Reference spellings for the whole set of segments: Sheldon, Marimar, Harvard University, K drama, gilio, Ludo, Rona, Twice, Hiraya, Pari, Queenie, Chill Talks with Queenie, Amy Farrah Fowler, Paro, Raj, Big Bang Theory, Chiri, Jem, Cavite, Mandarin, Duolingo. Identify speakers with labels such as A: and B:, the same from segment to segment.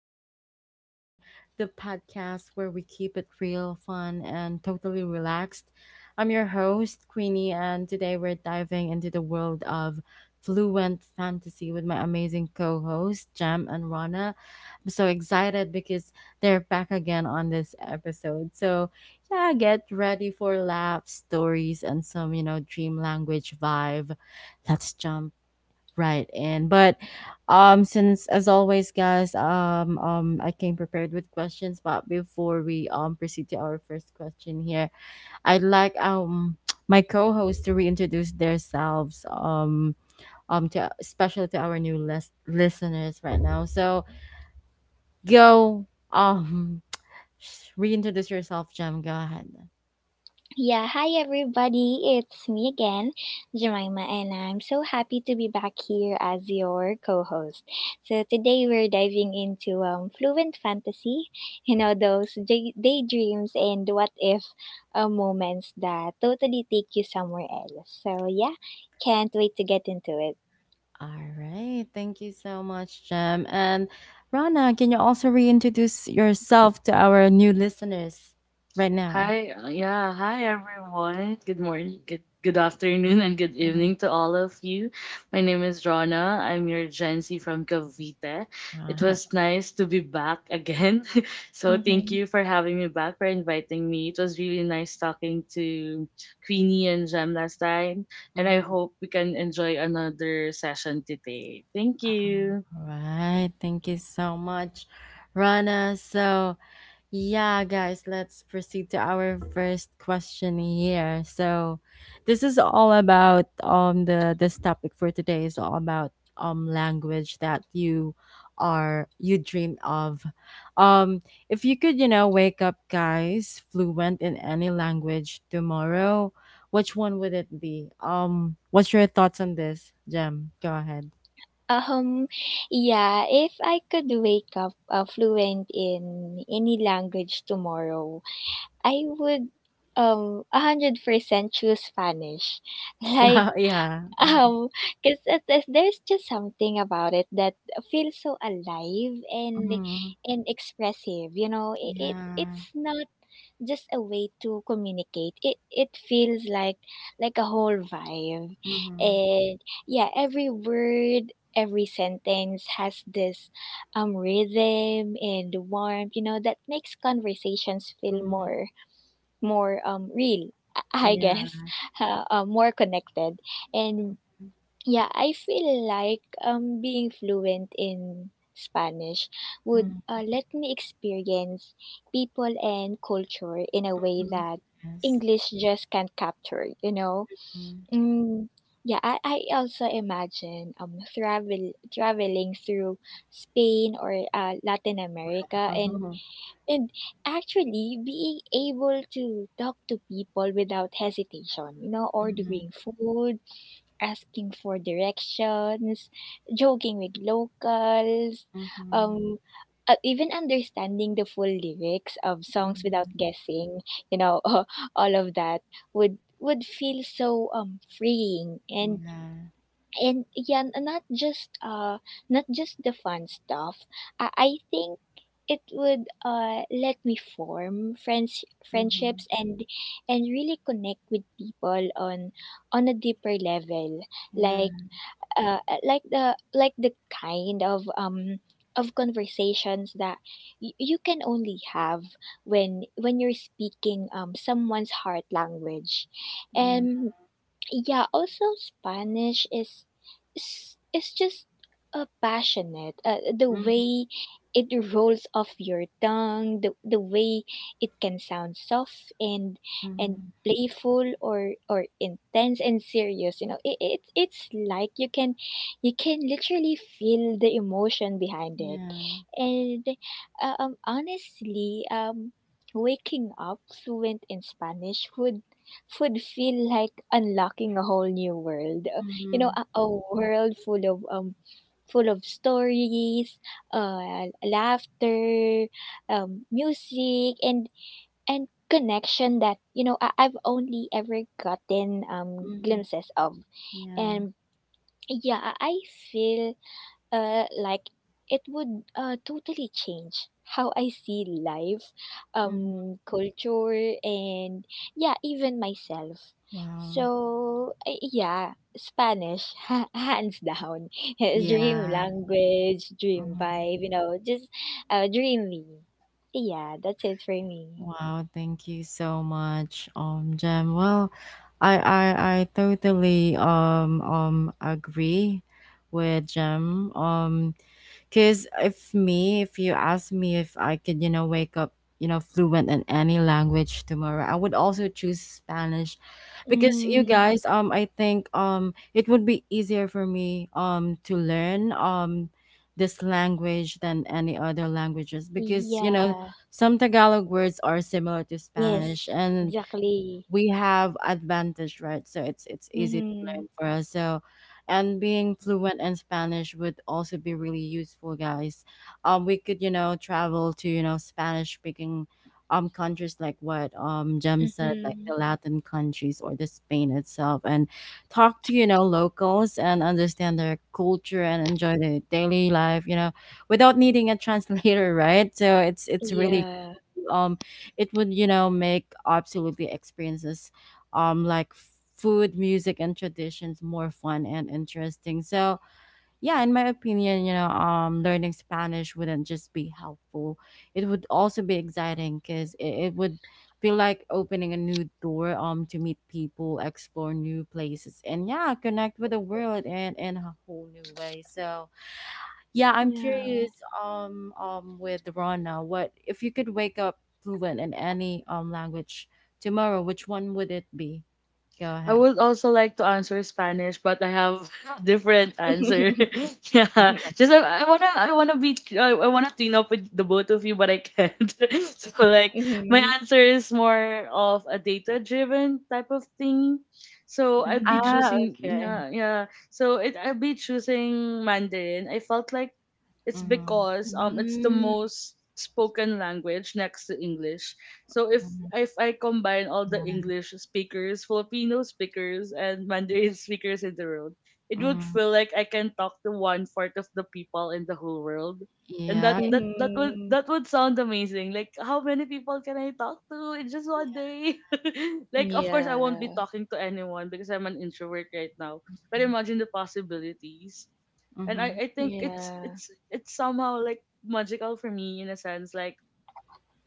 A: Talks with Queenie, the podcast where we keep it real, fun, and totally relaxed. I'm your host, Queenie, and today we're diving into the world of fluent fantasy with my amazing co hosts, Jam and Rana. I'm so excited because they're back again on this episode. So, yeah, get ready for laughs, stories, and some dream language vibe. Let's jump Right. And but since as always guys, I came prepared with questions, but before we proceed to our first question here, I'd like my co-host to reintroduce themselves to especially to our new listeners right now. So go um reintroduce yourself, Jem. Go ahead.
B: Yeah, hi everybody. It's me again, Jemima, and I'm so happy to be back here as your co-host. So today we're diving into fluent fantasy, you know, those daydreams and what if moments that totally take you somewhere else. So yeah, can't wait to get into it.
A: All right. Thank you so much, Jem. And Rana, can you also reintroduce yourself to our new listeners right now?
C: Hi, yeah, hi everyone. Good morning, good afternoon, and good
A: Mhm.
C: evening to all of you. My name is Rona. I'm your Gen Z from Cavite. It
A: Uh,
C: was nice to be back again. So thank
B: Mm-hmm.
C: you for having me back, for inviting me. It was really nice talking to Queenie and Jem last time, and I
A: mhm.
C: hope we can enjoy another session today. Thank you.
A: All right. Thank you so much, Rana. So, yeah, guys, let's proceed to our first question here. So, this is all about the this topic for today is all about language that you are you dream of. Um if you could, you know, wake up guys fluent in any language tomorrow, which one would it be? What's your thoughts on this, Jem? Go ahead.
B: Um, yeah, if I could wake up fluent in any language tomorrow, I would 100% choose Spanish. Like
A: Wow, yeah.
B: Um, because there's just something about it that feels so alive and
A: Hmm.
B: expressive. You know, it, it's
A: Yeah.
B: it's not just a way to communicate. It feels like a whole vibe,
A: Hmm.
B: and yeah, every word, every sentence has this rhythm and warmth. You know, that makes conversations feel
A: Hmm.
B: more real. I
A: Yeah.
B: guess, more connected and yeah, I feel like being fluent in Spanish would
A: Mhm.
B: let me experience people and culture in a way that
A: Yes.
B: English just can't capture, you know.
A: Mm.
B: Mm, yeah, I also imagine traveling through Spain or Latin America and
A: Oh.
B: and actually being able to talk to people without hesitation, you know,
A: Mhm.
B: ordering food, asking for directions, joking with locals,
A: Mhm.
B: um, even understanding the full lyrics of songs without
A: Mhm.
B: guessing, you know, all of that would feel so freeing and
A: Yeah.
B: yeah, not just not just the fun stuff I think it would let me form
A: Mhm.
B: friendships and really connect with people on a deeper level, like
A: Yeah.
B: uh, like the kind of conversations that you can only have when you're speaking someone's heart language.
A: Yeah.
B: And yeah, also Spanish is just passionate, the
A: Mhm.
B: way it rolls off your tongue, the way it can sound soft and and
A: Mhm.
B: playful, or intense and serious. You know, it it's like you can literally feel the emotion behind it.
A: Yeah.
B: And honestly, waking up fluent in Spanish would food feel like unlocking a whole new world. You know,
A: Mhm.
B: a world full of stories, laughter, music, and connection that, you know, I've only ever gotten
A: Mhm.
B: glimpses of.
A: Yeah.
B: And yeah, I feel like it would totally change how I see life,
A: Mhm.
B: culture, and yeah, even myself.
A: Wow.
B: So yeah, Spanish, hands down, dream
A: Yeah.
B: language, dream
A: Mhm.
B: vibe. You know, just dreamy. Yeah, that's it for me.
A: Wow. Thank you so much, Jem. Well, I I I totally agree with Jem. Because if me, if you ask me if I could, you know, wake up, you know, fluent in any language tomorrow, I would also choose Spanish, because you
B: Mm,
A: guys, I think it would be easier for me to learn this language than any other languages, because you know
B: yeah.
A: some Tagalog words are similar to Spanish
B: Yes.
A: and
B: Exactly.
A: we have advantage, right? So it's easy to
B: Mm-hmm.
A: learn for us. So and being fluent in Spanish would also be really useful, guys. We could, you know, travel to, you know, Spanish speaking countries, like what Jem said, like
B: Mm-hmm.
A: the Latin countries or the Spain itself, and talk to, you know, locals and understand their culture and enjoy their daily life, you know, without needing a translator, right? So it's really
B: Yeah.
A: cool. It would, you know, make absolutely experiences like food, music, and traditions more fun and interesting. So yeah, in my opinion, you know, learning Spanish wouldn't just be helpful, it would also be exciting because it would feel like opening a new door to meet people, explore new places, and yeah, connect with the world and in a whole new way. So yeah, I'm
B: Yeah.
A: curious, with Rana, what if you could wake up fluent in any language tomorrow, which one would it be? Go
C: I
A: ahead.
C: would also like to answer Spanish, but I have different answer. Yeah, just I wanna team up with the both of you, but I can't. So like my
B: Mhm,
C: answer is more of a data driven type of thing. So I'd be
B: mhm.
A: Ah,
C: choosing
A: okay.
C: yeah, yeah. So it I'd be choosing Mandarin. I felt like it's
A: Mm-hmm.
C: because it's the
B: Mm.
C: most spoken language next to English, so
A: Mm-hmm.
C: if I combine all the English speakers, Filipino speakers, and Mandarin speakers in the world, it would
A: Mm-hmm.
C: feel like I can talk to one fourth of the people in the whole world, and
A: Yeah.
C: that would,
B: Mhm.
C: that would sound amazing. Like how many people can I talk to in just one day? Like of course I won't be
B: Yeah,
C: talking to anyone because I'm an introvert right now. But imagine the possibilities, and I
A: Mm-hmm.
C: I think it's
B: yeah.
C: it's it's somehow like magical for me in a sense like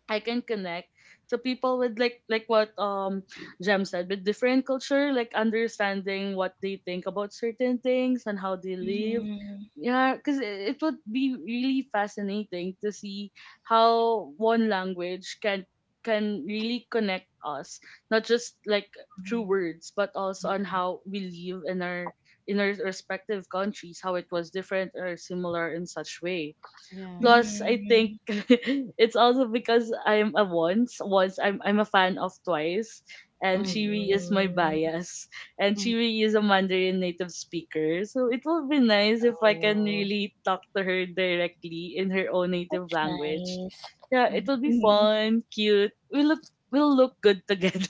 C: I can connect to people with like what Jem said, with different culture, like understanding what they think about certain things and how they live.
B: Mhm,
C: Yeah, because it would be really fascinating to see how one language can really connect us, not just like through
A: Mm-hmm.
C: words, but also on
A: Yeah.
C: how we live in our respective countries, how it was different or similar in such way.
A: Yeah.
C: Plus, I think
B: mhm.
C: it's also because I'm a once. Once I'm a fan of Twice, and
A: Mm-hmm.
C: Chiri is my
B: Mm.
C: bias, and Chiri is a Mandarin native speaker. So it will be nice if I can
B: Oh,
C: really talk to her directly in her own native
B: that's
C: language.
B: nice.
C: Yeah, it will be
B: Mhm.
C: fun, cute. We'll look good together.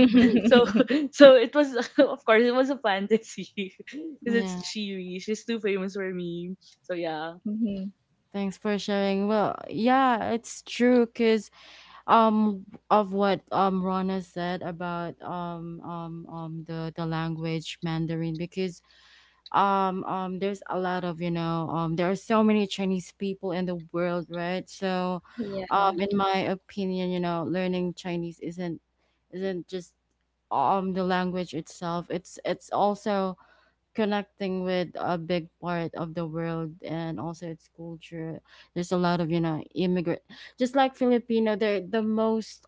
A: Mm-hmm.
C: So so it was, of course it was a fantasy because it's
A: Yeah.
C: Chiri. She's too famous for me. So yeah.
B: Mhm.
A: Thanks for sharing. Well, yeah, it's true because um of what Rana said about the language Mandarin. Because there's a lot of, you know, there are so many Chinese people in the world, right? So
B: Yeah.
A: in my opinion, you know, learning Chinese isn't just the language itself, it's also connecting with a big part of the world and also its culture. There's a lot of, you know, immigrant, just like Filipino. They're the most,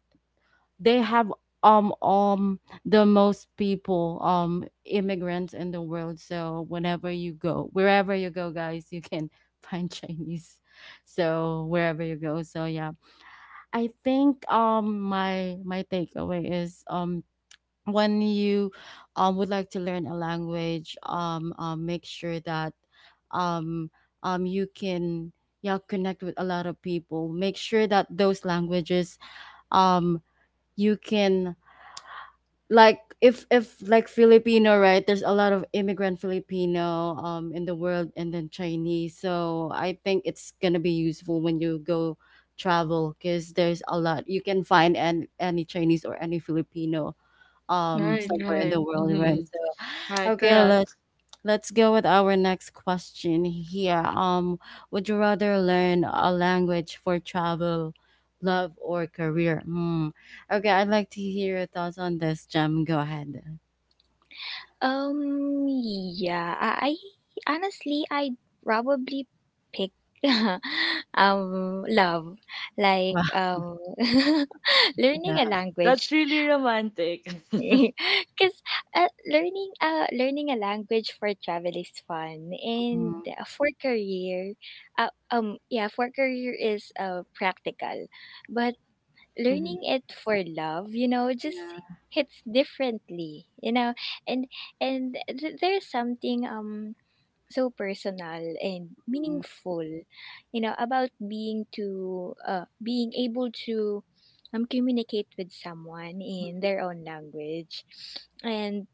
A: they have the most people, immigrants in the world. So whenever you go, wherever you go, guys, you can find Chinese. So wherever you go. So yeah, I think my takeaway is when you would like to learn a language, make sure that um you can, yeah, connect with a lot of people. Make sure that those languages, um you can, like if like Filipino, right? There's a lot of immigrant Filipino in the world, and then Chinese. So I think it's gonna be useful when you go travel, because there's a lot you can find, and any Chinese or any Filipino
C: Right,
A: somewhere in
B: Mm.
C: right.
A: the world, right?
C: Hmm.
A: So
C: Right,
A: okay, let's
C: correct.
A: Let's go with our next question here. Would you rather learn a language for travel, love, or career? Hmm. Okay, I'd like to hear your thoughts on this, Jem. Go ahead.
B: Um, yeah. I honestly I'd probably pick love. Like
A: Wow.
B: learning a
A: Yeah.
C: That's
B: language
C: really romantic.
B: because learning a language for travel is fun, and
A: Mm-hmm.
B: for career, yeah, for career is practical, but learning it for love, you know, just
A: Yeah.
B: hits differently, you know. And there's something so personal and
A: Mm-hmm.
B: meaningful, you know, about being able to communicate with someone in their own language. And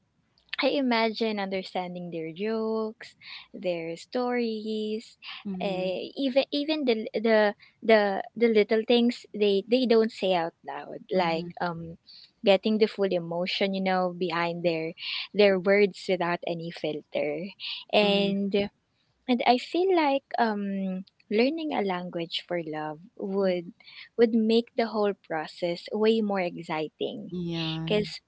B: I imagine understanding their jokes, their stories,
A: Mm-hmm.
B: even the the little things they don't say out loud, like
A: Mm-hmm.
B: getting the full emotion, you know, behind their words without any filter. And I feel like learning a language for love
A: Mm-hmm.
B: would make the whole process way more exciting
A: Yeah.
B: because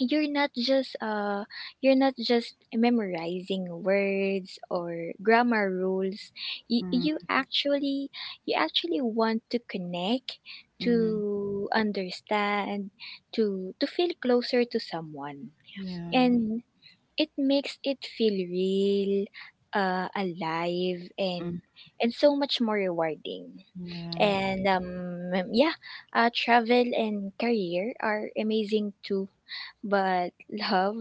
B: you're not just memorizing words or grammar rules. You,
A: Mm-hmm.
B: actually want to connect,
A: Mm-hmm.
B: to understand, to feel closer to someone,
A: Yeah.
B: and it makes it feel real, alive, and
A: Mm,
B: so much more rewarding.
A: yeah.
B: And yeah, travel and career are amazing too, but love,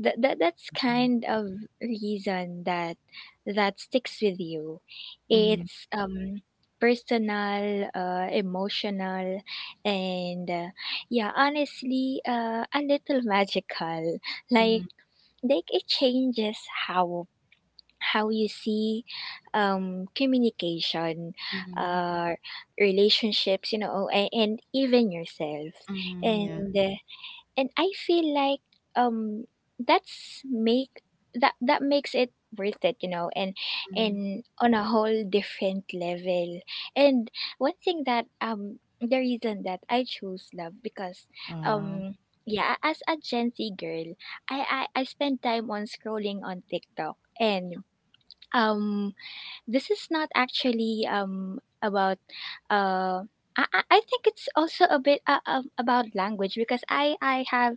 B: that's kind of reason that that sticks with you.
A: Mhm,
B: It's personal, emotional, and yeah, honestly, a little magical. Like
A: mhm,
B: it changes how how you see communication,
A: mhm,
B: uh relationships, you know, and, even yourself.
A: mhm,
B: And
A: yeah.
B: uh, I feel like um that's make that makes it worth it, you know, and
A: Mhm.
B: on a whole different level. And one thing, that the reason that I choose love, because
A: Wow.
B: um yeah, as a Gen Z girl, I spend time on scrolling on TikTok, and um this is not actually about uh I think it's also a bit about language, because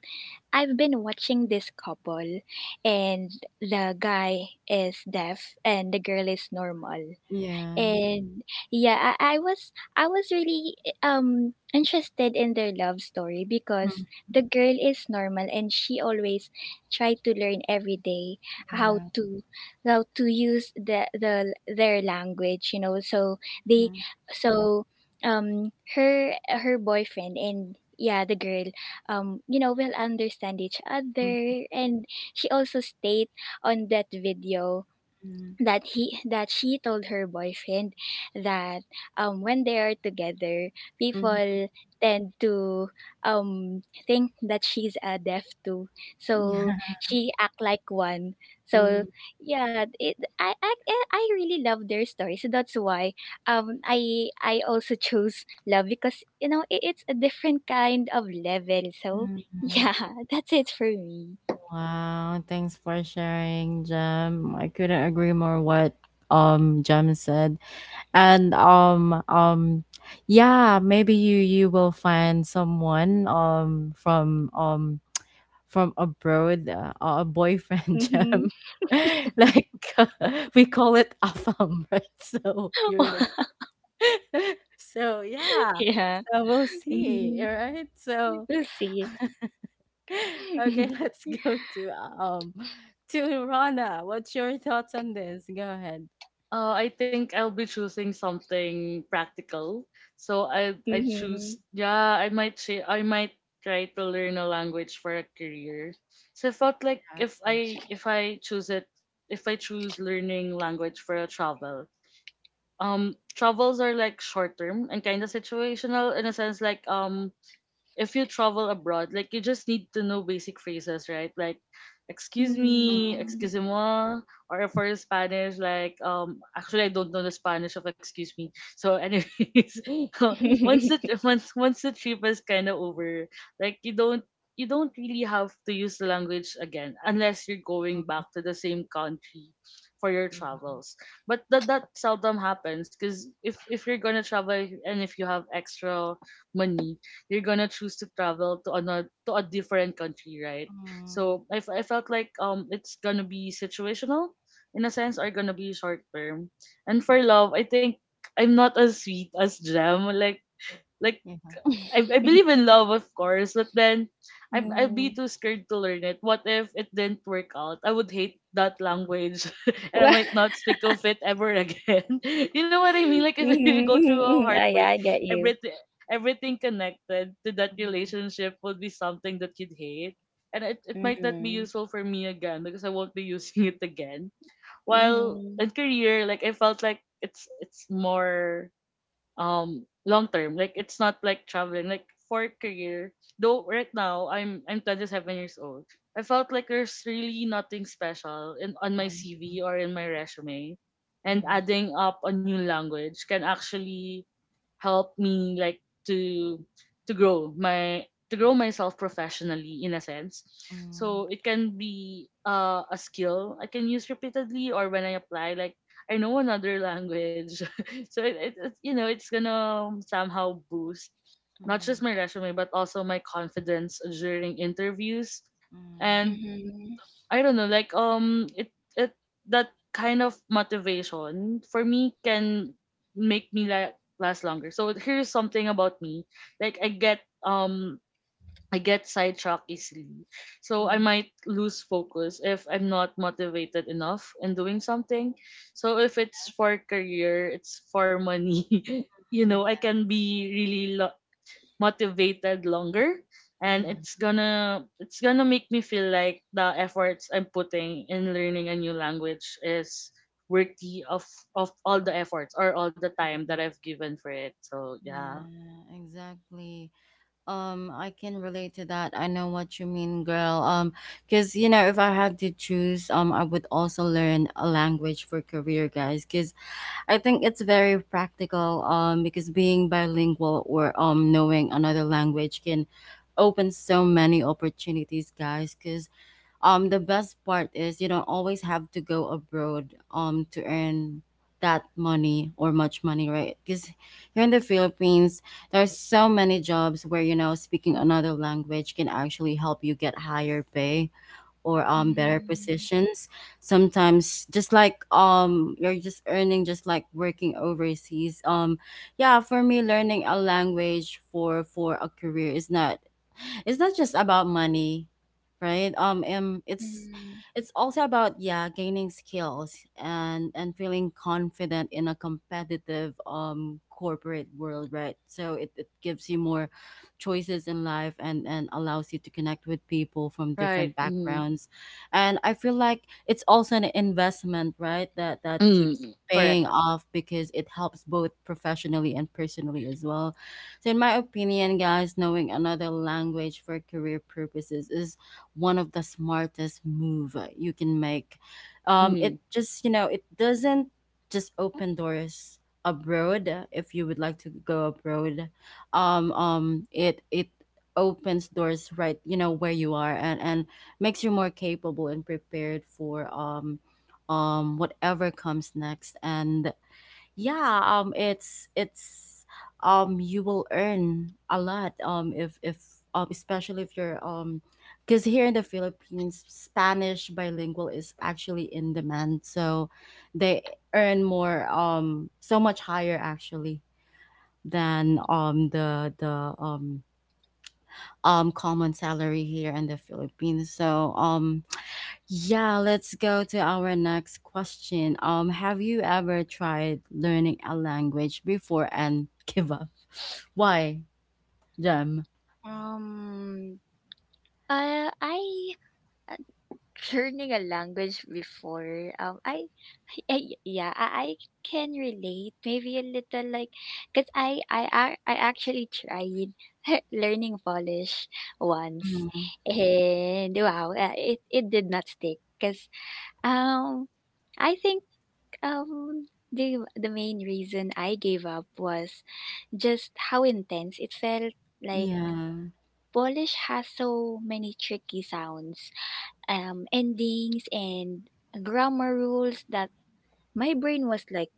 B: I've been watching this couple, and the guy is deaf and the girl is normal,
A: Yeah.
B: and yeah, I was really interested in their love story because
A: Mhm,
B: the girl is normal and she always tried to learn every day how
A: yeah.
B: to use the their language, you know. So they
A: Mm-hmm.
B: so her boyfriend and yeah, the girl, you know, will understand each
A: Mhm,
B: other. And she also stayed on that video that he that she told her boyfriend that when they are together,
A: mhm.
B: people tend to think that she's a deaf too, so
A: Yeah.
B: she act like one.
A: Mhm,
B: So yeah, I really love their story, so that's why I also chose love, because you know, it, it's a different kind of level. So
A: mhm.
B: yeah, that's it for me.
A: Wow, thanks for sharing, Jem. I couldn't agree more what Jem said. And yeah, maybe you you will find someone from abroad, a boyfriend,
B: Mm-hmm.
A: Jem. Like, we call it afam, right? So you're in the so yeah,
B: Yeah.
A: so we'll see,
B: Mm-hmm.
A: right? So
B: We'll see.
A: okay, let's go to Rana. What's your thoughts on this? Go ahead.
C: I think I'll be choosing something practical. So I choose,
B: Mhm.
C: yeah, I might say I might try to learn a language for a career. So I felt like
A: Yes, yes.
C: if I choose it, if I choose learning language for a travel, travels are like short term and kinda situational in a sense like if you travel abroad, like you just need to know basic phrases, right? Like excuse
B: Mhm.
C: me,
A: Mm,
C: excuse
B: Mhm.
A: yeah,
C: moi, or if for Spanish, like actually I don't know the Spanish of excuse me. So anyways, once the once once the trip is kinda over, like you don't really have to use the language again unless you're going back to the same country for your
A: yeah.
C: travels. But that seldom happens because if you're gonna travel and if you have extra money, you're gonna choose to travel to another, to a different country, right?
A: Mm,
C: So I felt like it's gonna be situational in a sense or gonna be short term. And for love, I think I'm not as sweet as Jam. Like
A: yeah.
C: I believe in love, of course, but then I'd be
B: Well,
C: too scared to learn it. What if it didn't work out? I would hate that language and I might not speak of it ever again. You know what I mean? Like, if you
B: mhm,
C: go
B: mhm,
C: through a
B: mhm. Oh, yeah,
C: heartbreak,
B: I get you.
C: everything, everything connected to that relationship would be something that you'd hate. And it might not be
B: Mhm.
C: useful for me again because I won't be using it again. While
B: Mhm.
C: in career, like, I felt like it's more long term. Like it's not like traveling. Like for career, though right now I'm 27 years old. I felt like there's really nothing special in on my
A: Mm,
C: CV or in my resume. And
A: mm,
C: adding up a new language can actually helped me like to to grow my to grow myself professionally in a sense.
A: mm,
C: So it can be a skill I can use repeatedly or when I apply, like I know another language. So it's, you know, it's gonna somehow boost not
A: mm,
C: just my resume but also my confidence during interviews,
A: mm,
C: and
B: Mhm.
C: I don't know, like it it that kind of motivation for me can make me like last longer. So here's something about me. Like I get sidetracked easily. So I
A: mm,
C: might lose focus if I'm not motivated enough in doing something. So if it's for career, it's for money. You
A: mm,
C: know, I can
A: yes.
C: be really lo- motivated longer, and
A: Yeah.
C: it's gonna make me feel like the efforts I'm putting in learning a new language is worthy of all the efforts or all the time that I've given for it. So yeah.
A: Yeah, exactly. I can relate to that. I know what you mean, girl. Because you know, if I had to choose, I would also learn a language for career, guys. Because I think it's very practical, because being bilingual or, knowing another language can open so many opportunities, guys. Because, the best part is you don't always have to go abroad, to earn that money or much money, right? Because here in the Philippines, there's so many jobs where, you know, speaking another language can actually help you get higher pay or better
B: Mhm.
A: positions, sometimes just like you're just earning just like working overseas. Yeah, for me, learning a language for a career is not, it's not just about money, right? It's
B: Mhm.
A: it's also about, yeah, gaining skills and feeling confident in a competitive corporate world, right? So it gives you more choices in life and allows you to connect with people from different
C: Right. Mm.
A: backgrounds. And I feel like it's also an investment, right, that that keeps
C: Mm.
A: paying
C: Correct.
A: off, because it helps both professionally and personally as well. So in my opinion, guys, knowing another language for career purposes is one of the smartest move you can make.
C: Mm-hmm.
A: It just, you know, it doesn't just open doors abroad. Uh, if you would like to go abroad, it it opens doors right you know where you are, and makes you more capable and prepared for whatever comes next. And yeah, it's you will earn a lot, if especially if you're because here in the Philippines Spanish bilingual is actually in demand, so they earn more, so much higher actually than the common salary here in the Philippines. So yeah, let's go to our next question. Um, have you ever tried learning a language before and give up? Why, Jem?
B: Um, I learning a language before, I yeah, I can relate maybe a little, like because I actually tried learning Polish once,
A: Hmm.
B: and wow, it did not stick because um I think the main reason I gave up was just how intense it felt. Like
A: Yeah.
B: Polish has so many tricky sounds, endings, and grammar rules that my brain was like,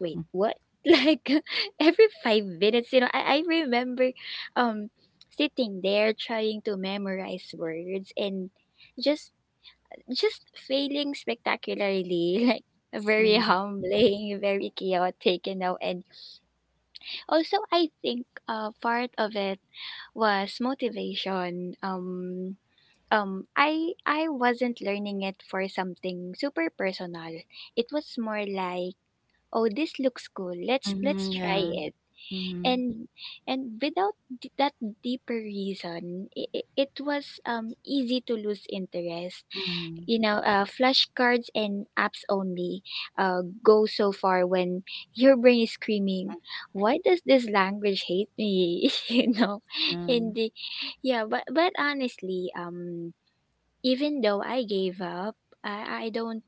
B: wait, what? Like every 5 minutes, you know, I remember um sitting there trying to memorize words and just just failing spectacularly, like very
A: Mm,
B: humbling, very chaotic, you know. And also I think part of it was motivation. I wasn't learning it for something super personal. It was more like, oh, this looks cool. Let's
A: mhm,
B: try
A: yeah.
B: it.
A: Mhm,
B: And and without d- that deeper reason, it was easy to lose interest.
A: mhm,
B: You know, flashcards and apps only go so far when your brain is screaming, why does this language hate me? You know,
A: yeah.
B: and the, yeah, but honestly, even though I gave up, I, I don't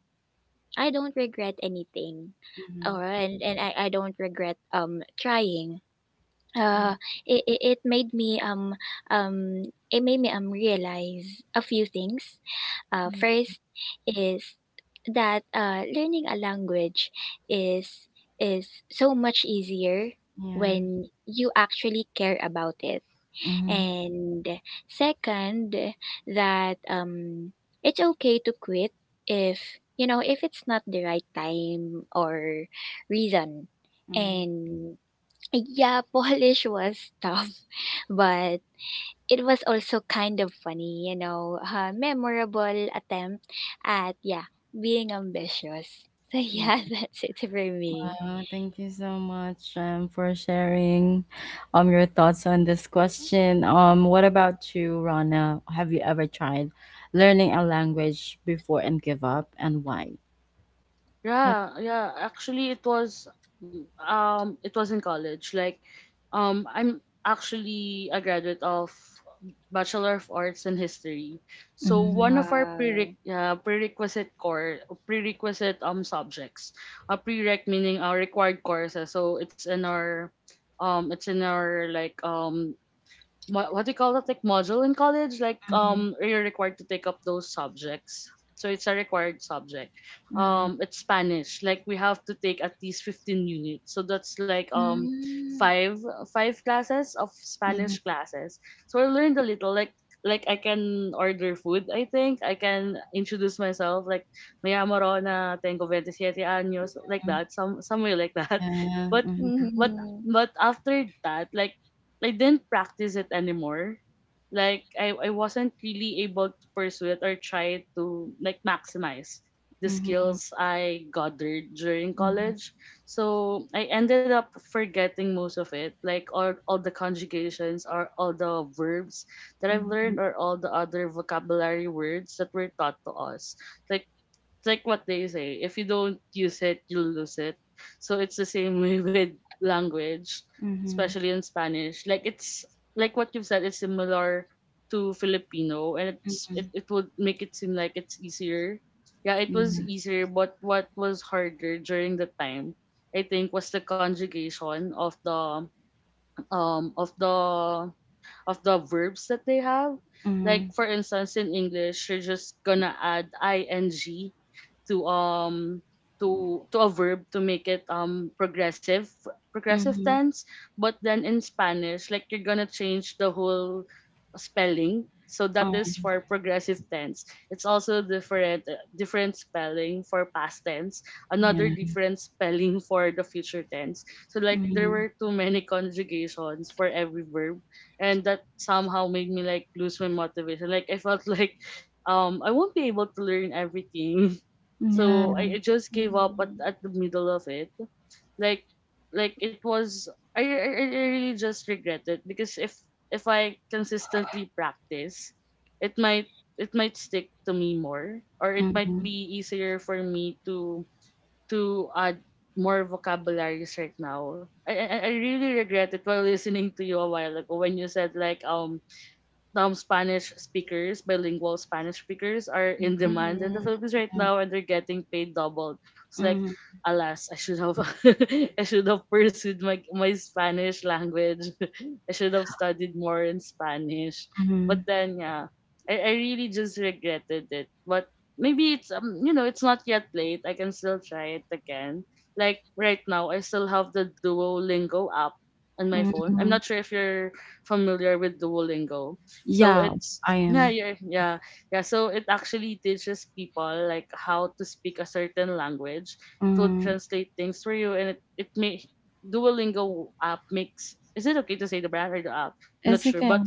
B: I don't regret anything,
A: Mhm,
B: and, I don't regret trying.
A: mhm,
B: Uh, it, it made me um realize a few things. First is that learning a language is is so much easier
A: yeah.
B: when you actually care about it.
A: Mhm,
B: And second, that it's okay to quit if, you know, if it's not the right time or reason. And yeah, Polish was tough, but it was also kind of funny, you know, a memorable attempt at, yeah, being ambitious. So yeah,
A: mhm,
B: that's it for me.
A: uh, thank you so much, for sharing, your thoughts on this question. What about you, Rana? Have you ever tried learning a language before and give up, and why? Yep.
C: Yeah, yeah. Actually, it was in college. Like I'm actually a graduate of Bachelor of Arts in History. So one
A: Mm-hmm.
C: of our
B: Wow.
C: prerequisite subjects. A prereq meaning our required courses. So it's in our like what do you call that, like module in college, like you're required to take up those subjects, so it's a required subject.
A: Mm-hmm.
C: It's spanish, like we have to take at least 15 units, so that's like
B: Mm.
C: five five classes of
A: Mm-hmm.
C: spanish classes. So I learned a little, like I can order food, I think. I can introduce myself, like, may amo Rona, tengo 27 años, like that, somewhere like that.
A: Yeah.
C: But,
A: Mm-hmm.
C: but
B: Mm-hmm.
C: but after that, like I didn't practice it anymore. Like I wasn't really able to pursue it or try to like maximize the
A: Mm-hmm.
C: skills I gathered during
A: Mm-hmm.
C: college. So I ended up forgetting most of it, like all the conjugations or all the verbs that I've
A: Mm-hmm.
C: learned or all the other vocabulary words that were taught to us. Like it's like what they say, if you don't use it, you lose it. So it's the same way with language, especially in Spanish. Like it's like what you've said, it's similar to Filipino and
A: Mm-hmm.
C: it, it would make it seem like it's easier. Yeah, it was
A: Yeah.
C: easier, but what was harder during the time I think was the conjugation of the um of the of the verbs that they have. Like
A: Mm-hmm.
C: for instance, in English, you're just gonna add ing to to a verb to make it progressive, progressive
A: Mm-hmm.
C: tense. But then in Spanish, like you're gonna change the whole spelling. So that
A: Oh,
C: is for progressive tense. It's also different, different spelling for past tense,
A: yeah.
C: another different spelling for the future tense. So like there
A: Mm-hmm.
C: were too many conjugations for every verb, and that somehow made me like lose my motivation, like I felt like I won't be able to learn everything. So
A: Yeah.
C: I just gave up at the middle of it. Like like it was, I really just regret it, because if I consistently practice, it might it might stick to me more, or it might
A: Mm-hmm.
C: be easier for me to add more vocabularies right now. I really regret it while listening to you a while ago when you said like Spanish speakers, bilingual Spanish speakers are in demand in the
B: Mm-hmm.
C: Philippines right
A: Yeah.
C: now and they're getting paid double. It's like
A: Mm-hmm.
C: alas, I should have I should have pursued my my Spanish language. I should have studied more in Spanish.
A: Mm-hmm.
C: But then yeah, I really just regretted it. But maybe it's, you know, it's not yet late. I can still try it again. Like right now I still have the Duolingo app on my phone. I'm
A: Mm-hmm.
C: not sure if you're familiar with Duolingo. So
A: Yeah,
C: it's
A: I
C: yeah,
A: am.
C: yeah, yeah, yeah. So it actually teaches people like how to speak a certain language. It will
A: Mm,
C: translate things for you, and it may Duolingo app makes. Is it okay to say the brand or the app? Not
A: it's
C: sure,
A: okay.
C: but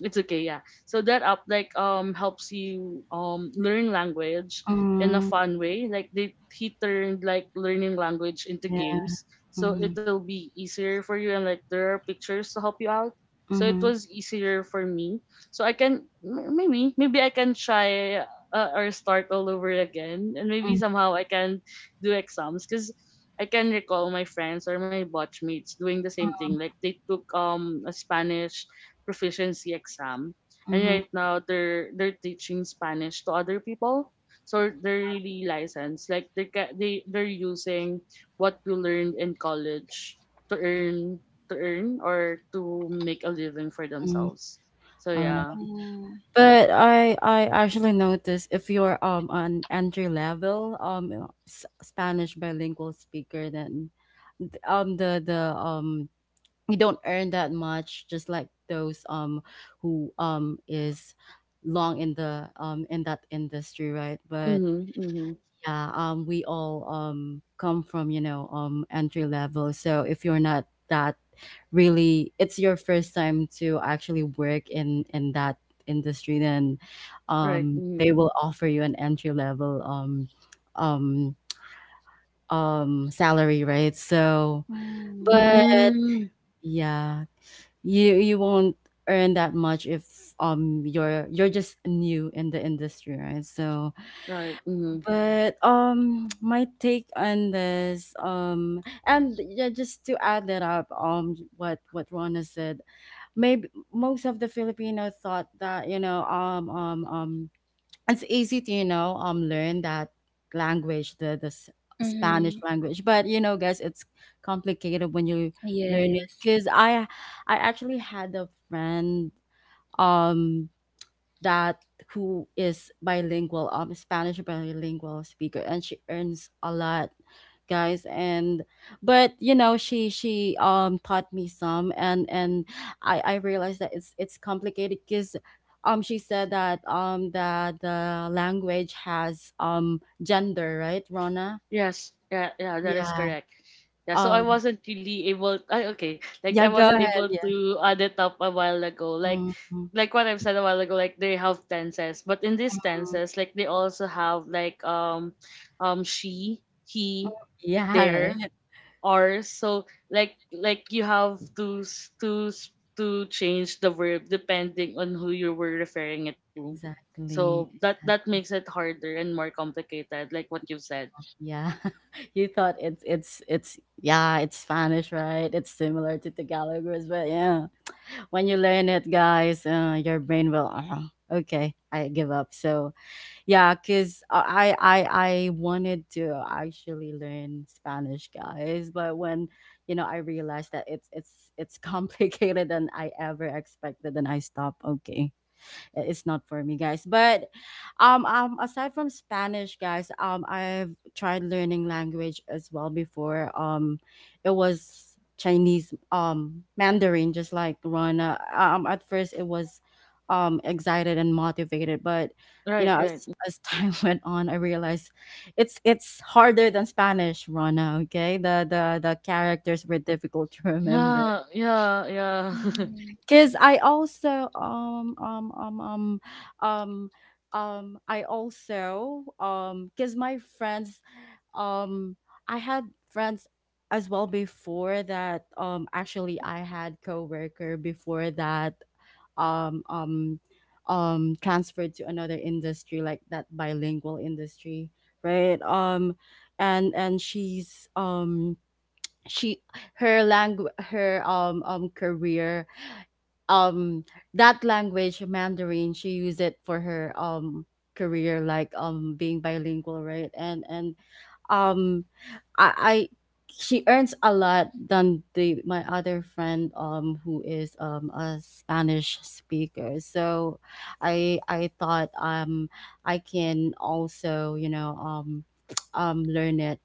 C: it's okay. Yeah. So that app like helps you learn language in a
A: Mm,
C: fun way. Like they he turned like learning language into
A: yeah.
C: games, so
A: Mm,
C: it'll be easier for you. And like there are pictures to help you out, so it
A: mm-hmm,
C: was easier for me so I can maybe I can try or start all over again, and maybe
A: mm,
C: somehow I can do exams because I can recall my friends or my batch mates doing the same thing. Like they took a Spanish proficiency exam, and
A: mm-hmm,
C: right now they're teaching Spanish to other people. So they're really licensed. Like they're using what you learned in college to earn to earn or to make a living for
A: mm,
C: themselves. So
A: all
C: yeah.
A: right.
B: Mm,
A: But I actually noticed if you're an entry level Spanish bilingual speaker, then th- the you don't earn that much, just like those who is long in the in that industry, right? But
C: Mhm. Mhm.
A: yeah, we all come from, you know, entry level. So if you're not that really it's your first time to actually work in that industry, then
C: Right.
A: they
C: Mhm.
A: will offer you an entry level um salary, right? So
B: mm,
A: but
C: Mm,
A: yeah, you won't earn that much if you're you're just new in the industry, right? So
C: right. Mhm.
A: but my take on this, and yeah, just to add that up, what Rona said, maybe most of the Filipino thought that, you know, it's easy to, you know, learn that language, the Spanish
B: mhm,
A: language. But you know, guys, it's complicated when you learn it,
B: yes,
A: because I actually had a friend um that who is bilingual, Spanish bilingual speaker, and she earns a lot, guys. And but you know, she taught me some, and I realized that it's complicated because, um, she said that that the language has gender, right, Rona?
C: Yes. Yeah. Yeah. That is
A: Yeah.
C: correct. Yeah. So I
A: Um.
C: wasn't really able. Okay. Like I
A: Yeah. Go
C: wasn't able
A: ahead. Yeah.
C: to add it up a while ago.
A: Mhm.
C: Like what I've said a while ago. Like they have tenses, but in these tenses, like they also have like she, he,
A: Yeah.
C: their.
A: Right.
C: Hours. So like you have to change the verb depending on who you were referring it to.
A: Exactly.
C: So that
A: Exactly.
C: that makes it harder and more complicated, like what you said.
A: Yeah. You thought it's yeah, it's Spanish, right? It's similar to Tagalog, words, but yeah. When you learn it, guys, your brain will okay, I give up. So, yeah, cuz I I wanted to actually learn Spanish, guys, but I realized that it's complicated than I ever expected and I stopped. Okay, it's not for me, guys. But aside from Spanish, guys, I've tried learning language as well before. It was Chinese, Mandarin, just like Rana. At first it was, excited and motivated, but you
C: Right,
A: know,
C: right.
A: as time went on, I realized it's harder than Spanish, Rana. Okay, the characters were difficult to remember
C: Yeah, yeah, yeah.
B: mhm,
A: because um I also because my friends um I had friends as well before that actually I had coworker before that um um transferred to another industry, like that bilingual industry, right. And she's she her language her career, um that language Mandarin she used it for her career, like being bilingual, right. And um I She earns a lot than the my other friend who is a Spanish speaker. So I thought I can also, you know, learn it,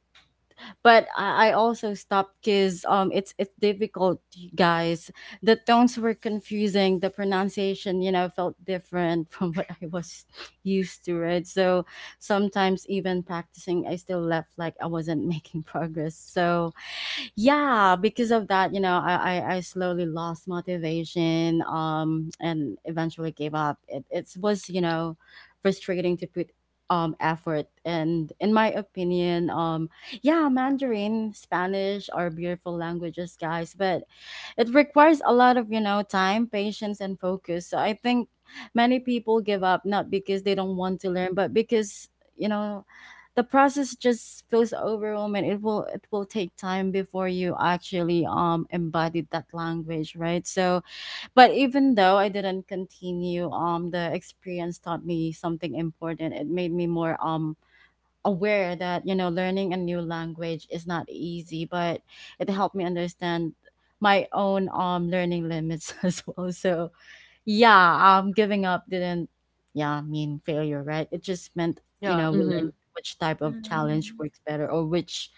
A: but I also stopped because it's difficult, you guys. The tones were confusing. The pronunciation, you know, felt different from what I was used to, right? So sometimes even practicing, I still left like I wasn't making progress. So yeah, because of that, you know, I slowly lost motivation, and eventually gave up. It was, you know, frustrating to put effort. And in my opinion, yeah, Mandarin, Spanish are beautiful languages, guys, but it requires a lot of, you know, time, patience, and focus. So I think many people give up not because they don't want to learn, but because, you know, the process just feels overwhelming. It will take time before you actually embodied that language, right? So, but even though I didn't continue, the experience taught me something important. It made me more aware that, you know, learning a new language is not easy, but it helped me understand my own learning limits as well. So yeah, giving up didn't, yeah, mean failure, right? It just meant, you
C: Yeah,
A: know, we learned
C: mhm.
A: which type of challenge
B: mm.
A: works better, or which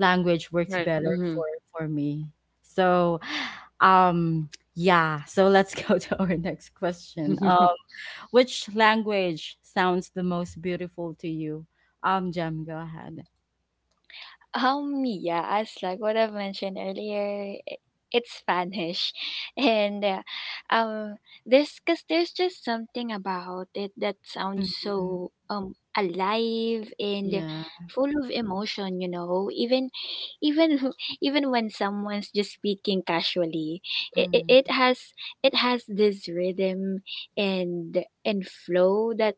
A: language works
C: Right.
A: better for
C: Mhm.
A: me. So um yeah, so let's go to our next question. Which language sounds the most beautiful to you? Jem, go ahead.
B: Yeah, as like what I've mentioned earlier, it's Spanish, and um, there's cause there's just something about it that sounds
A: Mhm.
B: so alive and
A: Yeah.
B: full of emotion. You know, even even when someone's just speaking casually,
A: Mm,
B: it has this rhythm and flow that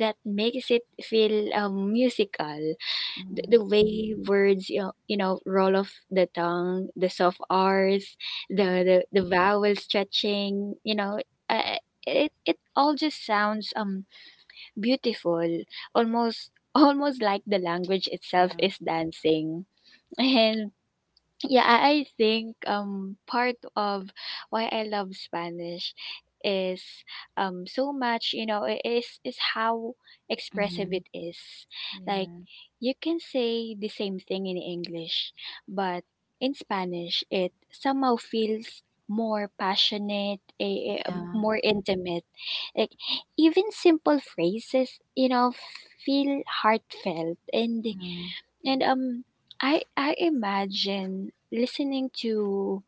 B: makes it feel musical.
A: mm,
B: The way words, you know, roll off the tongue, the soft r's,
A: mm,
B: the vowel stretching, you know, uh, it it all just sounds beautiful, almost almost like the language itself
A: yeah.
B: is dancing. And yeah, I think part of why I love Spanish is so much, you know, is how expressive
A: Mhm.
B: it is. Like
A: Yeah.
B: you can say the same thing in English, but in Spanish it somehow feels more passionate,
A: Yeah.
B: more intimate. Like even simple phrases, feel heartfelt and
A: Mm,
B: and um I imagine listening to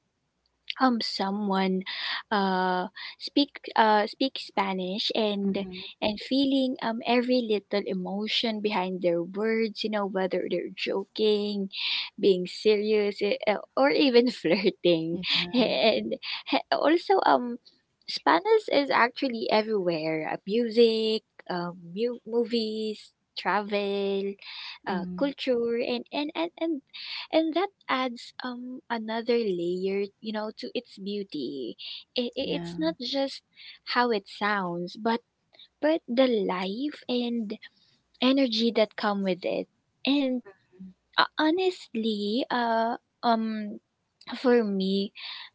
B: someone uh speak speak Spanish
A: mhm.
B: and feeling every little emotion behind their words, you know whether they're joking, being serious, or even flirting.
A: Yeah.
B: And also Spanish is actually everywhere. Music, movies, travel,
A: Mm,
B: culture, and and that adds another layer, you know, to its beauty. It's
A: yeah.
B: not just how it sounds, but the life and energy that come with it. And honestly um for me,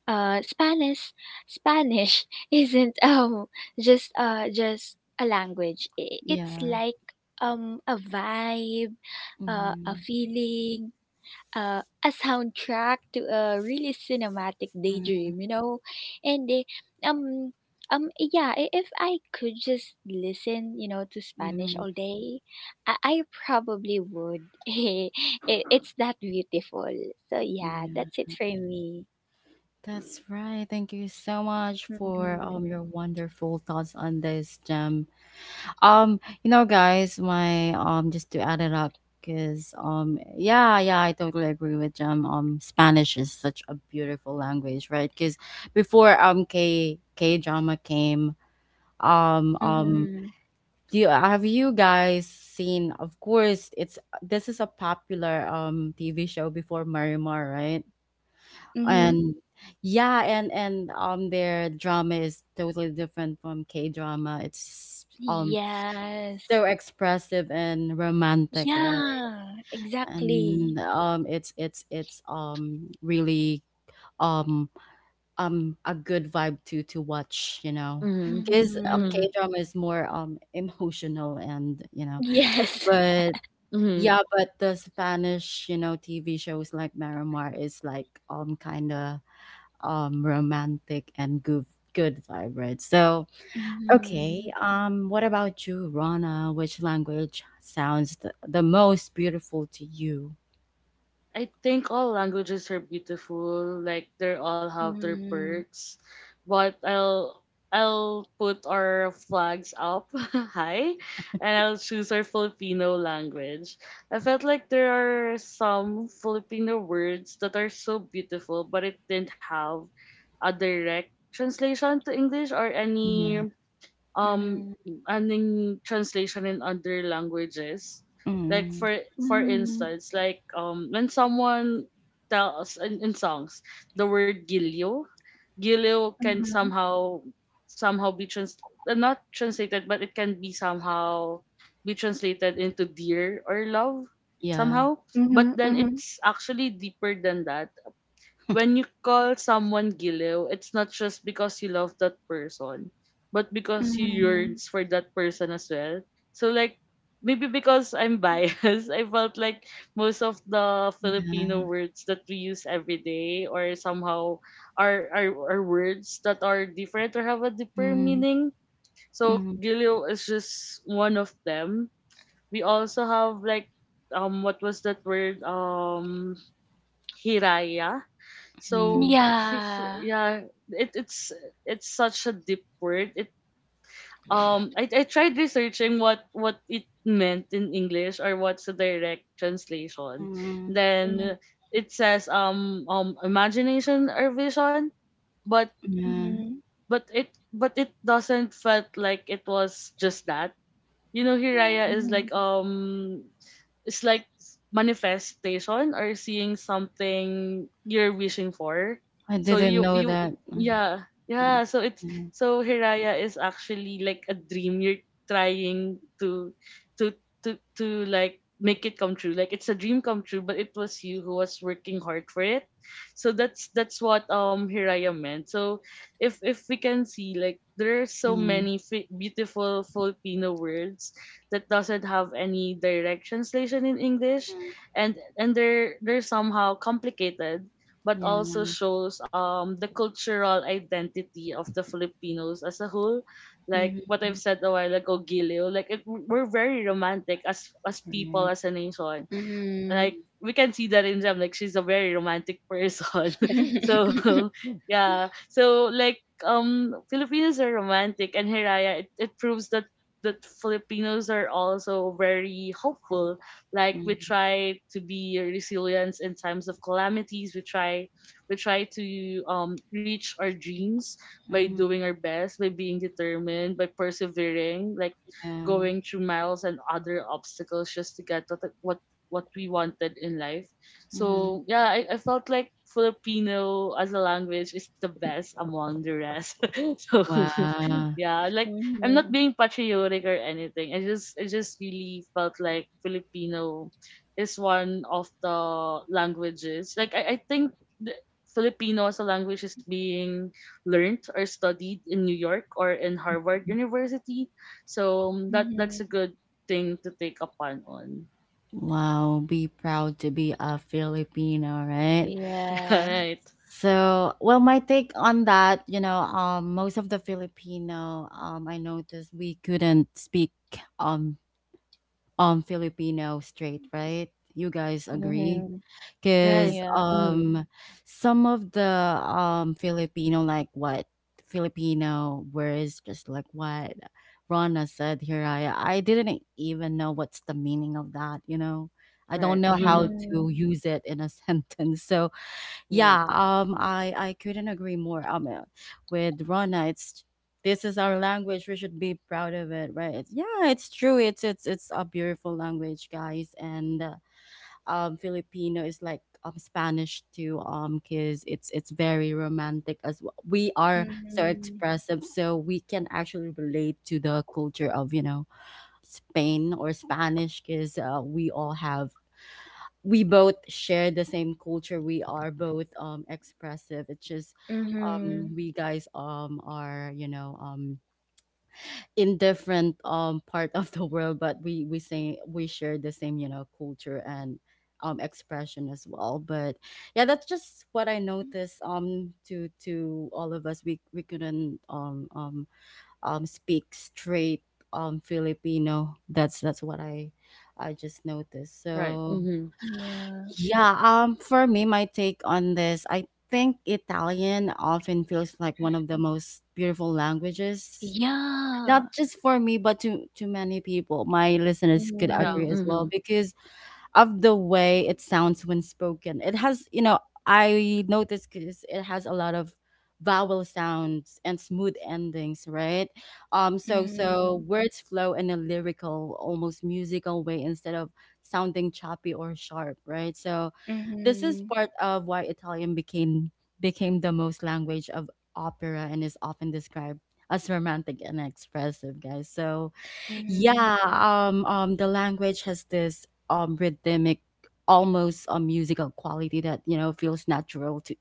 B: uh spanish spanish isn't just a language. It's
A: Yeah.
B: like a vibe, a
A: Mhm.
B: feeling, a soundtrack to a really cinematic
A: Mm,
B: daydream, you know? And um yeah, if I could just listen, you know, to Spanish
A: mhm.
B: all day, I probably would. It's that beautiful. So yeah,
A: Yeah.
B: that's it for me.
A: That's right. Thank you so much for
B: Mhm.
A: your wonderful thoughts on this, Jem. You know, guys, my just to add it up, because yeah, yeah, I totally agree with Jim. Spanish is such a beautiful language, right? Because before K drama came, um um,
B: Mhm.
A: do you, have you guys seen? Of course, it's this is a popular TV show before Marimar, right?
B: Mhm.
A: And yeah, and their drama is totally different from K drama. It's
B: Yes.
A: so expressive and romantic, right.
B: Yeah, exactly.
A: And it's really um a good vibe to watch, you know,
C: Mhm.
A: because
B: Mhm.
C: Mhm. Mhm.
A: K drama is more emotional and, you know,
B: Yes.
A: but yeah, but the Spanish, you know, TV shows like Marimar is like kind of romantic and good vibe, right. So okay.
B: Mhm.
A: What about you, Rana? Which language sounds the most beautiful to you?
C: I think all languages are beautiful. Like they all have their
B: Mhm.
C: perks, but I'll put our flags up high, and I'll choose our Filipino language. I felt like there are some Filipino words that are so beautiful, but it didn't have a direct translation to English or any
A: Yeah.
C: um
B: Mhm.
C: anong translation in other languages like
A: Mm,
C: for
B: Mm,
C: instance like when someone tells in songs the word gilio gilio can
B: mhm,
C: somehow somehow be trans not translated but it can be somehow be translated into dear or love
A: yeah.
C: somehow but
B: mhm,
C: then
B: mhm,
C: it's actually deeper than that when you call someone Giliw, it's not just because you love that person, but because you
B: mhm.
C: yearns for that person as well. So like maybe because I'm biased, I felt like most of the Filipino
A: Yeah.
C: words that we use every day or somehow are words that are different or have a deeper
A: Mm,
C: meaning. So
A: mm,
C: Giliw is just one of them. We also have like what was that word? Hiraya so
A: mm,
B: Yeah.
C: yeah, it's it's such a deep word. It I tried researching what it meant in English or what's the direct translation.
A: mm,
B: Mm,
C: Then it says imagination or vision, but
A: yeah.
B: mhm,
C: but it doesn't felt like it was just that. You know,
A: Yeah.
C: Hiraya is
B: mhm,
C: like it's like manifestation or seeing something you're wishing for.
A: I
C: So
A: didn't
C: you
A: know
C: you
A: that. Mm,
C: yeah
A: mm,
C: yeah. So it's
A: yeah.
C: so Hiraya is actually like a dream you're trying to to to like make it come true. Like it's a dream come true, but it was you who was working hard for it. So that's what Hiraya meant. So if we can see like there are so
A: Mm, mm,
C: many beautiful Filipino words that doesn't have any direct translation in English, and they're somehow complicated, but
A: yeah.
C: also shows the cultural identity of the Filipinos as a whole. Like what I've
A: Mm-hmm.
C: said a while ago, Gilio, like it, we're very romantic as people as a nation,
B: mhm.
C: like we can see that in them like she's a very romantic person
A: Right.
C: so yeah so like Filipinos are romantic and hiraya it, it proves that that Filipinos are also very hopeful like
A: Mm,
C: we try to be resilient in times of calamities we try to reach our dreams by
A: mm,
C: doing our best by being determined by persevering like
A: yeah.
C: going through miles and other obstacles just to get what, what we wanted in life.
A: Mm.
C: So yeah, I felt like Filipino as a language is the best among the rest. so
A: Wow.
C: yeah, like I'm not
B: Mhm,
C: being patriotic or anything. I just really felt like Filipino is one of the languages. Like I think the Filipino as a language is being learned or studied in New York or in Harvard University. So that that's
B: mhm.
C: a good thing to take upon on.
A: Wow. Be proud to be a Filipino, right?
B: Yeah.
C: Right.
A: So, well, my take on that, you know, most of the Filipino, I noticed we couldn't speak, um, Filipino straight, right? You guys agree?
B: Mhm.
C: Right.
A: Because,
B: Yeah.
C: Mm.
A: some of the, Filipino, like what Filipino words, just like what Rana said here, I didn't even know what's the meaning of that, you know? I don't
C: Right.
A: know how
B: Mhm,
A: to use it in a sentence. So, yeah,
C: Right.
A: I couldn't agree more. With Rona, it's this is our language. We should be proud of it, right? Yeah, it's true. It's a beautiful language, guys. And Filipino is like Spanish too. Cause it's very romantic as well. We are so
B: mhm,
A: expressive, so we can actually relate to the culture of, you know, Spain or Spanish, cause we all have we both share the same culture. We are both expressive. It's just
B: mhm.
A: we guys are, you know, in different part of the world, but we say we share the same, you know, culture and expression as well. But yeah, that's just what I noticed to all of us. We couldn't speak straight Filipino. That's what I just noticed.
C: Right.
A: So
C: Mm-hmm.
B: Yeah.
A: yeah, for me, my take on this, I think Italian often feels like one of the most beautiful languages,
B: Yeah.
A: not just for me, but to many people. My listeners could
C: Yeah.
B: Mhm,
A: agree as well
C: Mm-hmm.
A: because of the way it sounds when spoken. It has, you know, I noticed because it has a lot of vowel sounds and smooth endings, right? So so
B: mhm,
A: words flow in a lyrical, almost musical way instead of sounding choppy or sharp, right? So this is
B: mhm,
A: part of why Italian became the most language of opera, and is often described as romantic and expressive, guys. So
B: mhm.
A: yeah, the language has this rhythmic, almost a musical quality that, you know, feels natural to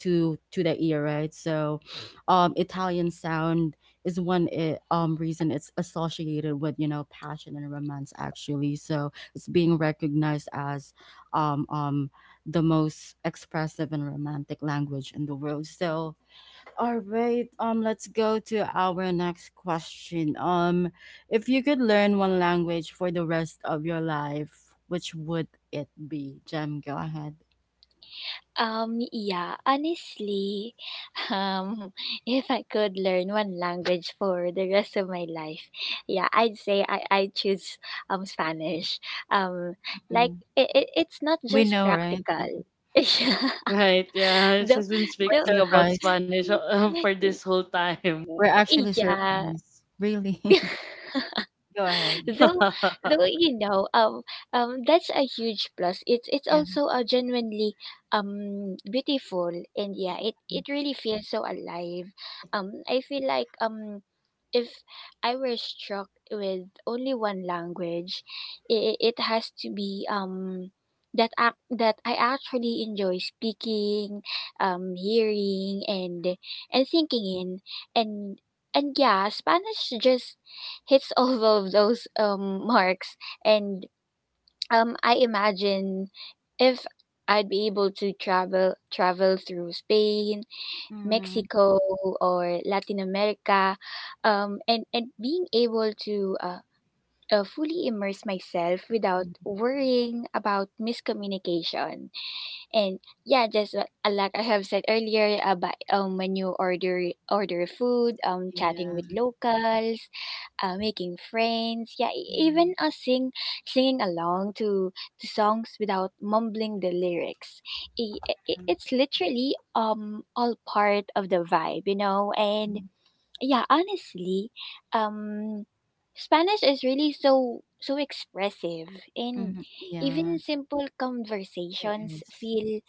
A: the ear, right? So, Italian sound is one reason it's associated with, you know, passion and romance actually. So it's being recognized as um um the most expressive and romantic language in the world. So, all right, let's go to our next question. If you could learn one language for the rest of your life, which would it be? Jem, go ahead.
B: Yeah, Honestly, um, if I could learn one language for the rest of my life, yeah, I'd say I choose Spanish. Um, like
A: Mhm.
B: it it's not
A: We
B: just
A: know, right?
B: practical. Yeah,
C: Right. Yeah.
B: though,
C: She's been
A: We're
B: though,
C: speaking about
A: surprised.
C: Spanish for this whole time.
A: We're actually
B: yeah,
A: surprised. Really. Go ahead.
B: though though you know um that's a huge plus. It's
A: Yeah.
B: also a genuinely beautiful, and yeah, it really feels so alive. I feel like if I were struck with only one language, it has to be that act that I actually enjoy speaking, hearing and thinking in. and and yeah, Spanish just hits all of those marks. And I imagine if I'd be able to travel through Spain,
A: Mm,
B: Mexico, or Latin America, and being able to fully immerse myself without
A: mm,
B: worrying about miscommunication. And yeah, just like I have said earlier about when you order food,
A: yeah.
B: chatting with locals, making friends, yeah,
A: Mm,
B: even us sing singing along to songs without mumbling the lyrics.
A: mm,
B: It's literally all part of the vibe, you know. And
A: mm,
B: yeah, honestly, um Spanish is really so so expressive, and
A: mm, yeah.
B: even simple
A: It
B: conversations
A: is.
B: feel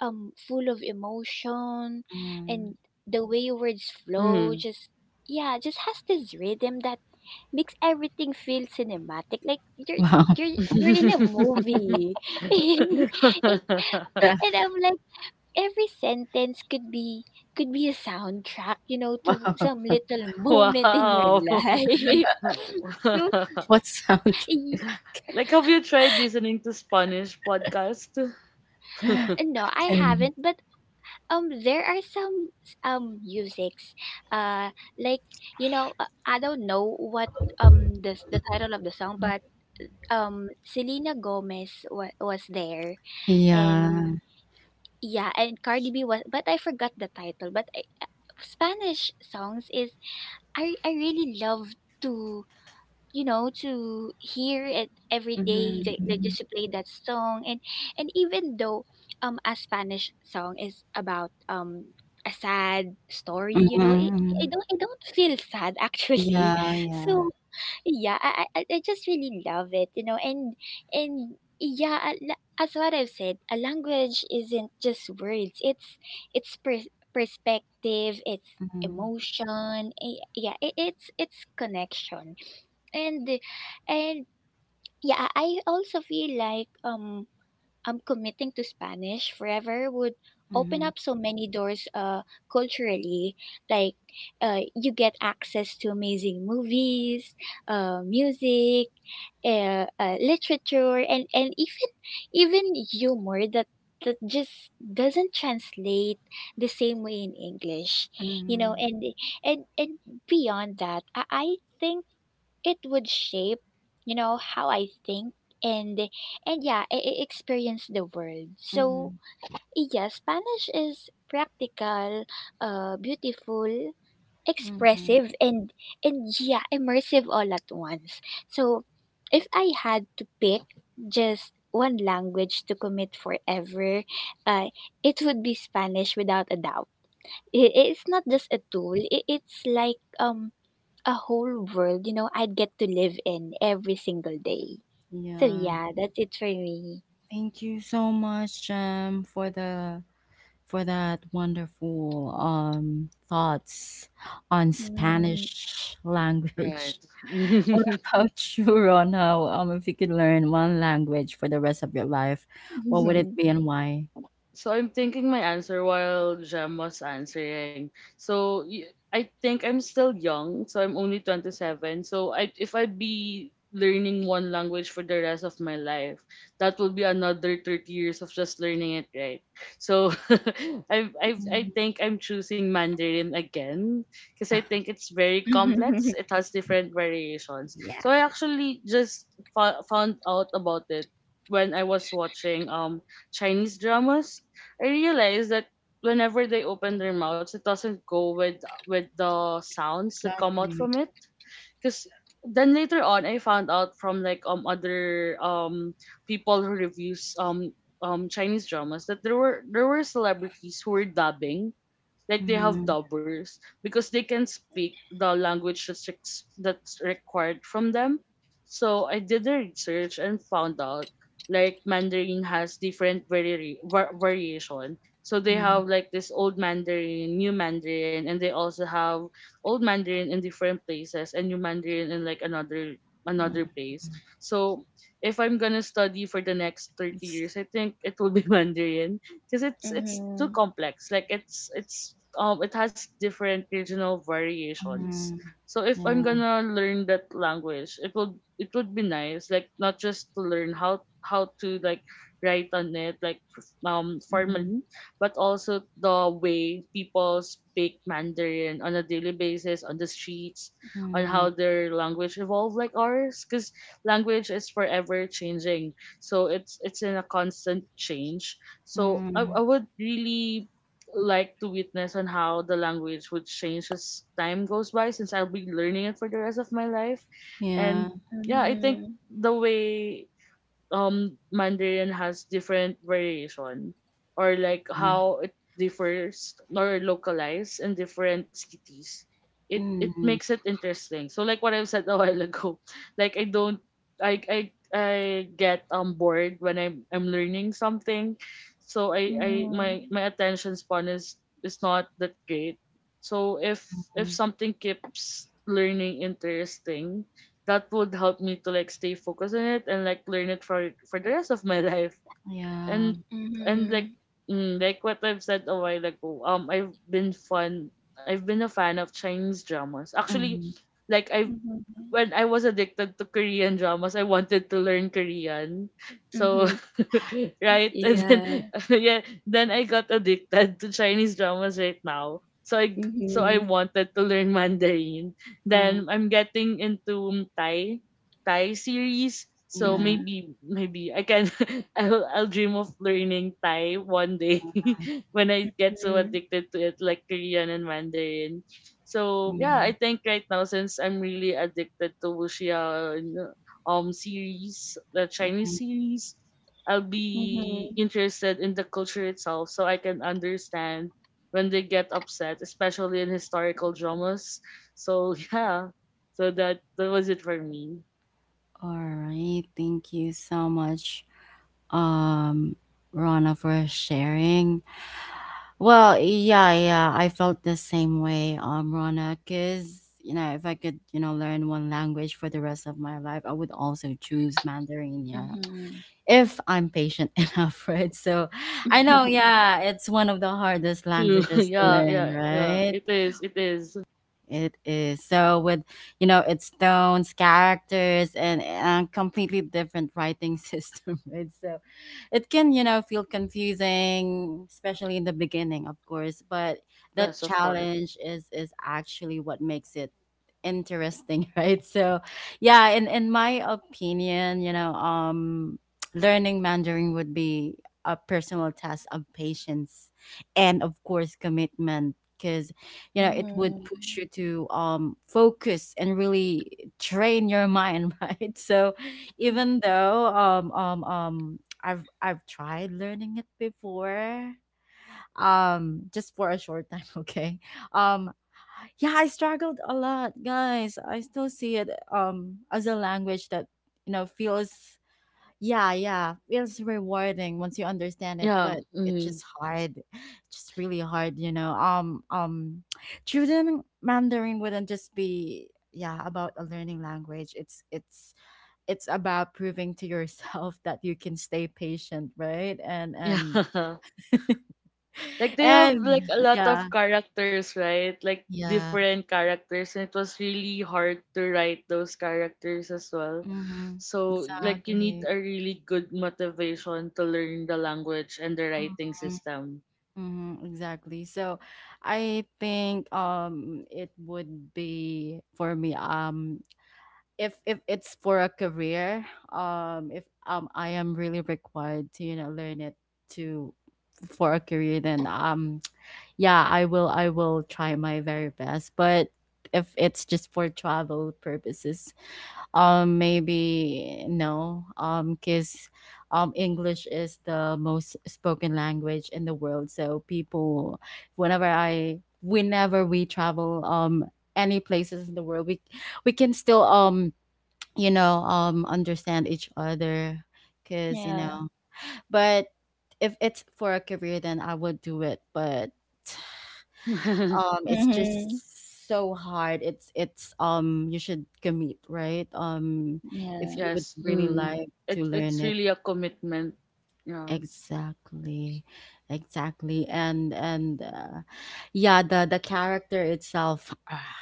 B: full of emotion,
A: Mm.
B: and the way words flow
C: Mm.
B: just yeah just has this rhythm that makes everything feel cinematic, like you're
A: Wow.
B: you're in a movie and, and,
A: That,
B: and I'm like every sentence could be a soundtrack, you know, to
A: wow.
B: some little moment in your
C: Wow.
B: life.
C: Oh.
B: So
A: What soundtrack?
B: y-
C: Like, have you tried listening to Spanish podcast?
B: no, I
A: Okay.
B: haven't. But there are some musics, like you know, I don't know what the title of the song, but Selena Gomez was there, and
A: Yeah.
B: yeah, and Cardi B was, but I forgot the title. But I, Spanish songs is I really love to, you know, to hear it every day. They
A: Mm-hmm.
B: just play that song, and even though a Spanish song is about a sad story, you know,
A: Mm-hmm.
B: I don't feel sad actually.
A: Yeah. Yeah.
B: So yeah, I just really love it, you know. And yeah, as what I've said, a language isn't just words. It's it's per- perspective, it's
A: Mm-hmm.
B: emotion, yeah, it's connection. and and yeah, I also feel like I'm committing to Spanish forever would open
A: Mm-hmm.
B: up so many doors, culturally. Like you get access to amazing movies, music, literature, and even even humor that that just doesn't translate the same way in English, you know.
A: Mm-hmm.
B: And and beyond that, I think it would shape, you know, how I think. and and yeah, I experience the world.
A: Mm-hmm.
B: So yeah, Spanish is practical, beautiful,
A: Mm-hmm.
B: expressive, and yeah, immersive all at once. So if I had to pick just one language to commit forever, uh it would be Spanish without a doubt. It's not just a tool. It's like a whole world, you know, I'd get to live in every single day. So
A: Yeah.
B: yeah, that's it for me.
A: Thank you so much, for the for that wonderful thoughts on
B: Mm.
A: Spanish
C: Right.
A: language. What about you, Ron? How if you could learn one language for the rest of your life, what
C: so
A: would it be and why?
C: So I'm thinking my answer while Jem was answering. So I think I'm still young. So I'm only 27. So I, if I be learning one language for the rest of my life, that will be another 30 years of just learning it, right? So I
A: Mm,
C: think I'm choosing Mandarin again because I think it's very complex.
B: Mhm.
C: It has different variations.
A: Yeah,
C: So I actually just found out about it when I was watching Chinese dramas I realized that whenever they open their mouths, it doesn't go with the sounds that come out
A: exactly.
C: from it. Because then later on, I found out from like other people who reviews Chinese dramas that there were celebrities who were dubbing like they have
A: Mm,
C: dubbers because they can speak the language that's that's required from them. So I did the research and found out like Mandarin has different variation. So they
A: mm,
C: have like this old Mandarin, new Mandarin, and they also have old Mandarin in different places and new Mandarin in like another another
A: mm.
C: place. So if I'm gonna study for the next 30
A: It's,
C: years, I think it will be Mandarin because it's too complex. Like it's it has different regional variations.
A: mm,
C: So if I'm
A: yeah,
C: gonna learn that language, it would be nice, like not just to learn how to like write on it like
A: mm,
C: formally, but also the way people speak Mandarin on a daily basis on the streets, on how
A: mm,
C: their language evolve like ours, because language is forever changing so it's in a constant change so I
A: mm,
C: would really like to witness on how the language would change as time goes by since I'll be learning it for the rest of my life.
A: yeah,
C: And yeah, I think
B: Mhm.
C: the way Mandarin has different variation or like
A: uh,
C: how it differs or localized in different cities. It
A: mm,
C: it
A: mm,
C: makes it interesting. So like what I've said a while ago, like I don't I I I get bored when I'm learning something. So
B: Mhm.
C: I my
B: Mhm.
C: my attention span is not that great. So if something keeps learning interesting that would help me to like stay focused on it and like learn it for the rest of my life
A: yeah,
C: and and like
B: Mhm.
C: mm, like what I've said a while ago I've been a fan of Chinese dramas actually
A: mm,
C: like I've
B: Mhm.
C: when I was addicted to Korean dramas, I wanted to learn Korean. So,
B: Mhm.
C: right? And then,
B: Yeah.
C: yeah, then I got addicted to Chinese dramas right now. So so I
B: Mhm.
C: wanted to learn Mandarin.
A: mm,
C: Then I'm getting into Thai, Thai series. So
A: yeah,
B: Mhm.
C: maybe, maybe I can, I'll dream of learning Thai one day when I get so addicted to it, like Korean and Mandarin. So yeah, I
A: mm.
C: think right now since I'm really addicted to wuxia series, the Chinese series, I'll
B: Mhm.
C: be
B: Mhm.
C: interested in the culture itself so I can understand when they get upset, especially in historical dramas. So yeah, so that that was it for me.
A: All right. Thank you so much, um, Rana, for sharing. Well, yeah, yeah, I felt the same way, Rana, because, you know, if I could, you know, learn one language for the rest of my life, I would also choose Mandarin, yeah,
B: Mhm.
A: if I'm patient enough, right? So I know, yeah, it's one of the hardest
C: True.
A: languages to
C: Yeah,
A: learn,
C: yeah, yeah.
A: right?
C: It is. It is.
A: It is. So with, you know, its tones, characters, and completely different writing system, right? So it can, you know, feel confusing, especially in the beginning, of course, but the
C: Yes, of course.
A: challenge is actually what makes it interesting, right? So yeah, in my opinion, you know, learning Mandarin would be a personal test of patience and of course commitment, because you know it would
B: Mhm.
A: push you to focus and really train your mind, right. So even though I've tried learning it before, just for a short time. Okay, um yeah, I struggled a lot, guys. I still see it as a language that, you know, feels, yeah, yeah, feels rewarding once you understand it,
C: Yeah.
A: but it's
C: Hmm.
A: just hard. Just really hard, you know. Juden Mandarin wouldn't just be, yeah, about a learning language. It's about proving to yourself that you can stay patient, right? And
C: Yeah.
A: and
C: Like they have
A: and
C: like a lot
A: yeah,
C: of characters, right? Like
A: yeah.
C: different characters, and it was really hard to write those characters as well.
A: Mhm.
C: So like you need
A: Exactly.
C: a really good motivation to learn the language and the writing
A: Mm-hmm.
C: system.
A: Mm-hmm, exactly. So I think it would be for me, if it's for a career, if I am really required to, you know, learn it to for a career, then yeah, I will try my very best. But if it's just for travel purposes, maybe no. Because English is the most spoken language in the world. So people, whenever we travel, any places in the world, we can still understand each other. Cause you
B: Yeah.
A: know, but if it's for a career, then I would do it. But it's
B: Mhm.
A: just so hard. It's you should commit, right? If
B: Yeah.
A: you would
C: Yes.
A: really
C: Mm.
A: like to
C: It,
A: learn
C: it's
A: it.
C: really a commitment. Yeah.
A: Exactly. Exactly. And the character itself, ah,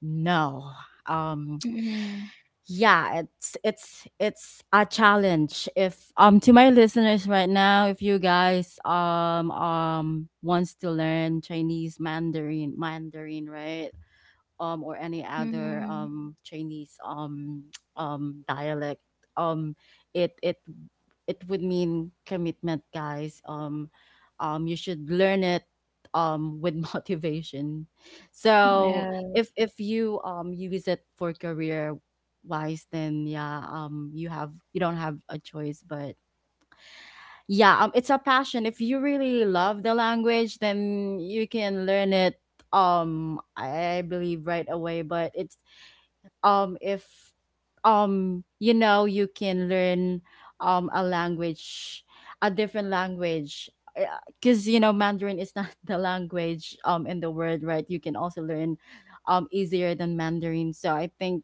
A: no. Um
B: Mhm.
A: it's a challenge. If To my listeners right now, if you guys wants to learn Chinese Mandarin, Mandarin, right? Or any other
B: Mhm.
A: Chinese dialect, um, it it it would mean commitment, guys. You should learn it with motivation. So
B: Yeah.
A: if you use it for career wise, then yeah, you have you don't have a choice but yeah, it's a passion. If you really love the language then you can learn it I believe right away. But it's if you know You can learn a language, a different language, because you know Mandarin is not the language in the world, right? You can also learn easier than Mandarin. So I think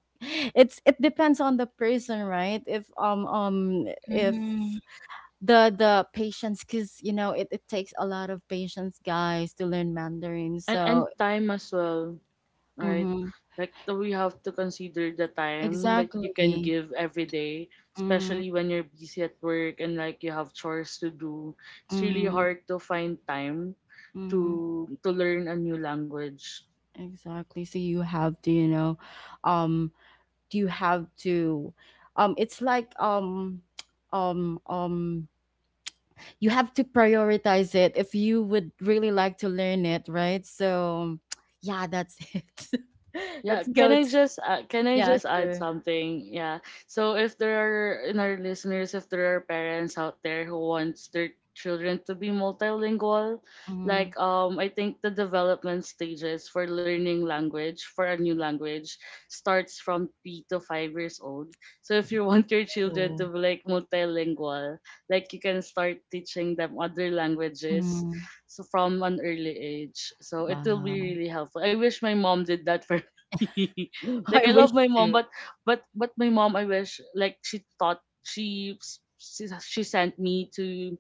A: it depends on the person, right? If
B: Mhm.
A: The patience, because you know it takes a lot of patience, guys, to learn Mandarin.
C: And
A: So
C: time as well. Right?
A: mm-hmm,
C: Like we have to consider the time that
A: exactly,
C: you can give every day,
A: mm-hmm,
C: especially when you're busy at work and like you have chores to do. It's really
A: mm-hmm,
C: hard to find time
A: mm-hmm,
C: to learn a new language.
A: exactly. So you have to, you know, um you have to, it's like, um um you have to prioritize it if you would really like to learn it, right? So yeah, that's it.
C: Yeah,
A: let's go to—
C: can I
A: yeah,
C: just add
A: sure.
C: something? Yeah. So if there are in our listeners, if there are parents out there who wants their children to be multilingual, like I think the development stages for learning language for a new language starts from 3 to 5 years old. So if you want your children to
A: Mm-hmm.
C: be like multilingual, like you can start teaching them other languages so from an early age. So it will be
A: Wow.
C: really helpful. I wish my mom did that for like
A: I
C: I love
A: wish
C: my mom,
A: to.
C: but my mom, I wish like she taught she s- she sent me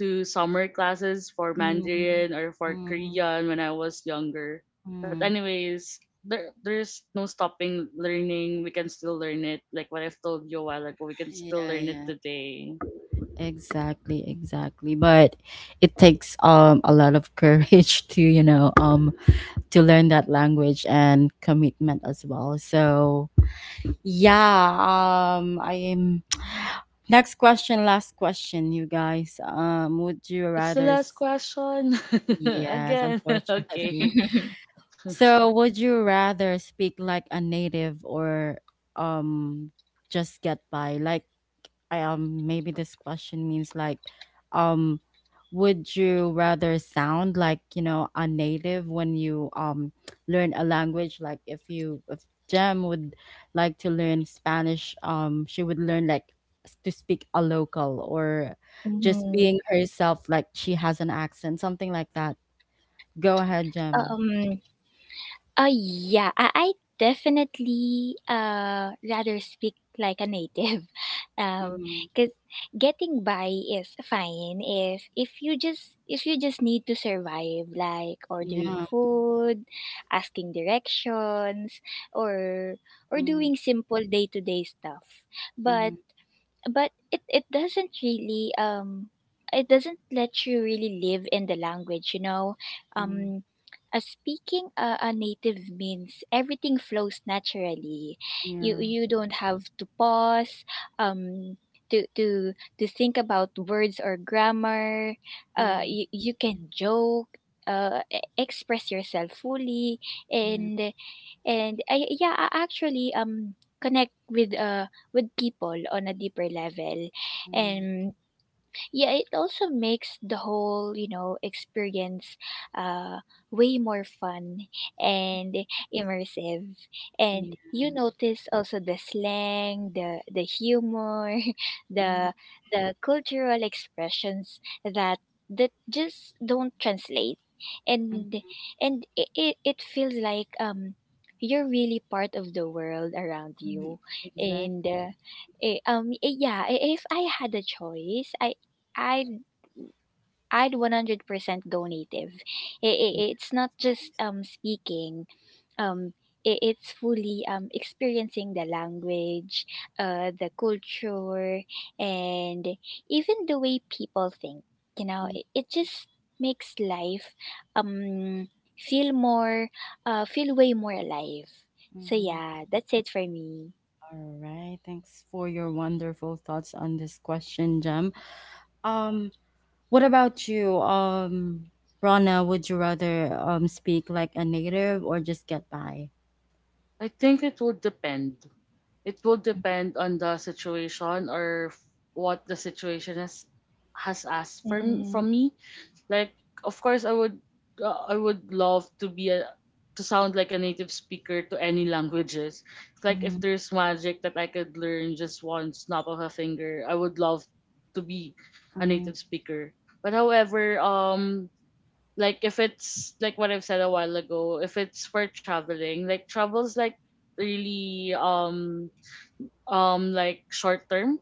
C: to summer classes for
A: Mm,
C: Mandarin or for
A: mm,
C: Korean when I was younger. But
A: mm.
C: anyways, there there's no stopping learning. We can still learn it. Like what I've told you a while ago, we can still
A: Yeah,
C: learn it
A: yeah.
C: today.
A: Exactly, exactly. But it takes a lot of courage to, you know, to learn that language and commitment as well. So, yeah, I am— next question, last question, you guys. Would you
C: It's the
A: rather
C: last
A: s-—
C: question
A: yes,
C: again.
A: unfortunately.
C: Okay,
A: So, would you rather speak like a native or um just get by? Like, I maybe this question means like, um, would you rather sound like, you know, a native when you learn a language? Like, if Jem would like to learn Spanish, she would learn like s- to speak a local or just
B: Mhm.
A: being herself, like she has an accent, something like that. Go ahead, Jem.
B: Um, yeah, I definitely rather speak like a native, um, because getting by is fine if if you just need to survive, like ordering
A: Yeah.
B: food, asking directions, or
A: Mm,
B: doing simple day to day stuff. But
A: mm,
B: it it doesn't really it doesn't let you really live in the language, you know.
A: mm,
B: um Speaking a native means everything flows naturally. You
A: yeah.
B: don't have to pause um to to to think about words or grammar.
A: Mm,
B: You, you can joke, express yourself fully,
A: yeah.
B: and and I yeah, I actually connect with people on a deeper level.
A: Mm,
B: And yeah, it also makes the whole, you know, experience uh way more fun and immersive. And
A: yeah.
B: you notice also the slang, the humor,
A: Mm,
B: the the cultural expressions that that just don't translate.
A: mm,
B: and and it feels like you're really part of the world around
A: mm.
B: you.
A: Exactly.
B: And yeah, if I had a choice, I'd I'd 100% go native. I
A: Yes,
B: It's not
A: of
B: just
A: course.
B: speaking. Um I It's fully experiencing the language, the culture, and even the way people think. You know,
A: Mm,
B: it just makes life um feel more feel way more alive. So
A: mhm.
B: yeah, that's it for me.
A: All right. Thanks for your wonderful thoughts on this question, Jem. Um, what about you? Rana, would you rather speak like a native or just get by?
C: I think it will depend on the situation or what the situation has asked
B: Mhm.
C: from me like of course I would I would love to be a to sound like a native speaker to any languages. It's like
A: Mm-hmm.
C: if there's magic that I could learn just one snap of a finger I would love to be a
A: Mm,
C: native speaker but however like if it's like what I've said a while ago if it's for traveling like travels like really like short term.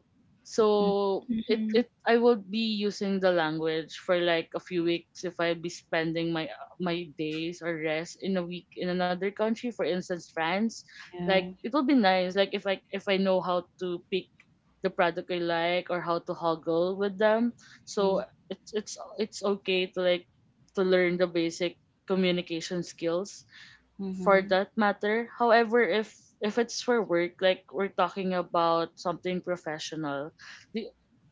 A: mm,
C: So it
B: Mhm.
C: it I will be using the language for like a few weeks if I'll be spending my my days or rest in a week in another country, for instance France. Like
A: yeah.
C: it will be nice like if I know how to pick the product I like or how to hoggle with them.
A: Mm,
C: So it's it's it's okay to like to learn the basic communication skills for
A: mhm.
C: that matter. However, if it's for work, like we're talking about something professional, the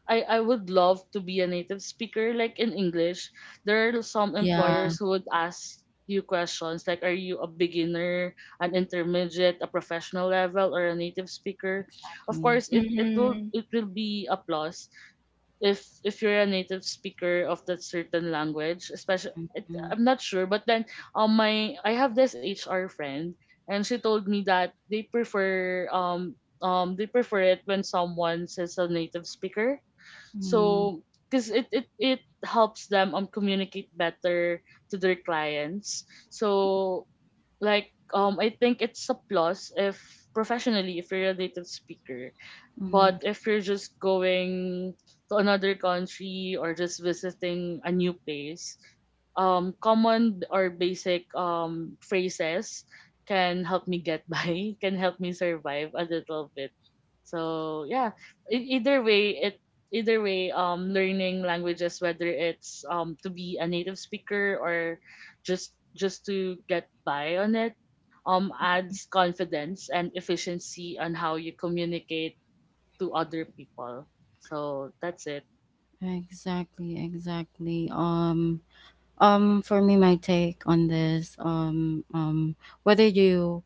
C: I would love to be a native speaker like in English. There are some
A: Yeah.
C: employers who would ask you questions like are you a beginner, an intermediate, a professional level or a native speaker? Of
A: Exactly.
C: course
B: Mhm.
C: it will be a plus if you're a native speaker of that certain language especially
A: Mm-hmm.
C: I'm not sure but then my I have this HR friend and she told me that they prefer it when someone says a native speaker
A: Mm-hmm.
C: so because it helps them communicate better to their clients so like I think it's a plus if professionally if you're a native speaker
A: Mm-hmm.
C: but if you're just going to another country or just visiting a new place, common or basic phrases can help me get by, can help me survive a little bit. So yeah, either way, it either way, learning languages, whether it's to be a native speaker or just to get by on it, adds confidence and efficiency on how you communicate to other people. So, that's it.
A: Exactly, exactly. For me, my take on this, whether you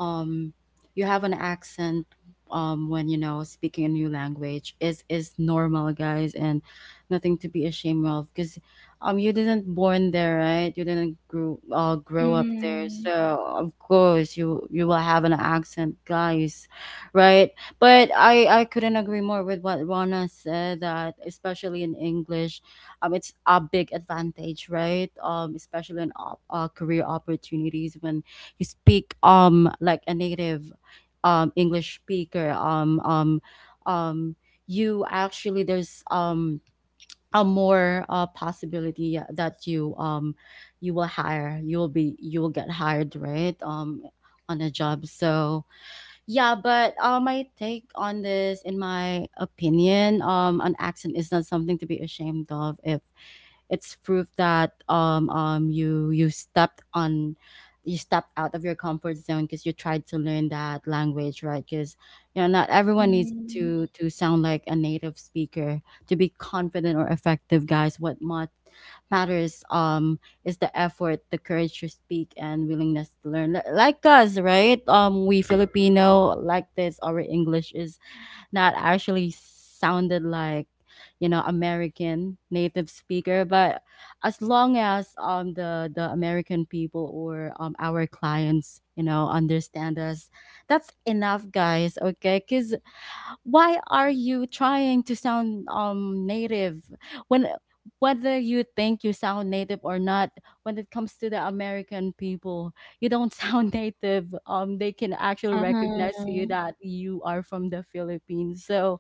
A: um you have an accent when, you know, speaking a new language is normal, guys, and nothing to be ashamed of, because you didn't born there, right? You didn't grow up there, so
B: Mhm.
A: of course you will have an accent, guys, right? But I couldn't agree more with what Rana said, that especially in English, it's a big advantage, right? Especially in career opportunities, when speak like a native English speaker. Um you actually, there's a more possibility that you you will hire, you will be, you will get hired, right? On a job. So yeah, but my take on this, in my opinion, an accent is not something to be ashamed of. If it's proof that you you stepped on, you stepped out of your comfort zone because you tried to learn that language, right? Because you know, not everyone needs
B: Mhm.
A: to sound like a native speaker to be confident or effective, guys. What matters, is the effort, the courage to speak, and willingness to learn. Like us, right? We Filipino, like this, our English is that actually sounded like, you know, American native speaker. But as long as the American people or our clients, you know, understand us, that's enough, guys. Okay, because why are you trying to sound native, when— whether you think you sound native or not, when it comes to the American people, you don't sound native. They can actually recognize you,
B: Uh-huh.
A: that you are from the Philippines. So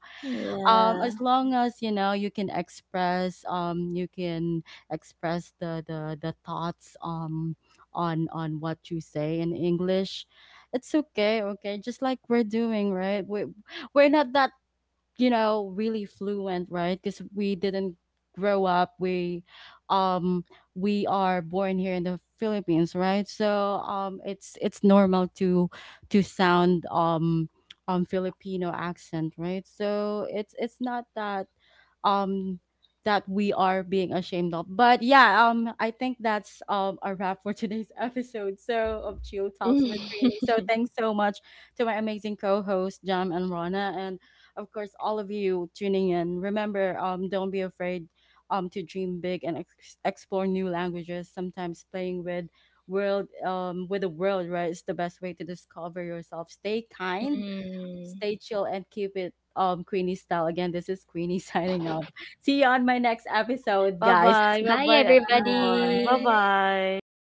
B: Yeah.
A: as long as, you know, you can express, you can express the thoughts, on what you say in English, it's okay. Okay, just like we're doing, right? We we're not that, you know, really fluent, right? Because we didn't grow up, um we are born here in the Philippines, right? So it's normal to sound Filipino accent, right? So it's not that um that we are being ashamed of. But yeah, I think that's a wrap for today's episode so of Chill Talks with Greenie. So thanks so much to my amazing co-host Jam and Rana, and of course, all of you tuning in. Remember, don't be afraid to dream big and explore new languages. Sometimes playing with world with the world, right, is the best way to discover yourself. Stay kind, stay chill, and keep it Queenie style. Again, this is Queenie signing off. See you on my next episode, guys.
C: Bye-bye.
B: Bye,
C: Bye-bye, everyone.
B: everybody.
C: Bye-bye.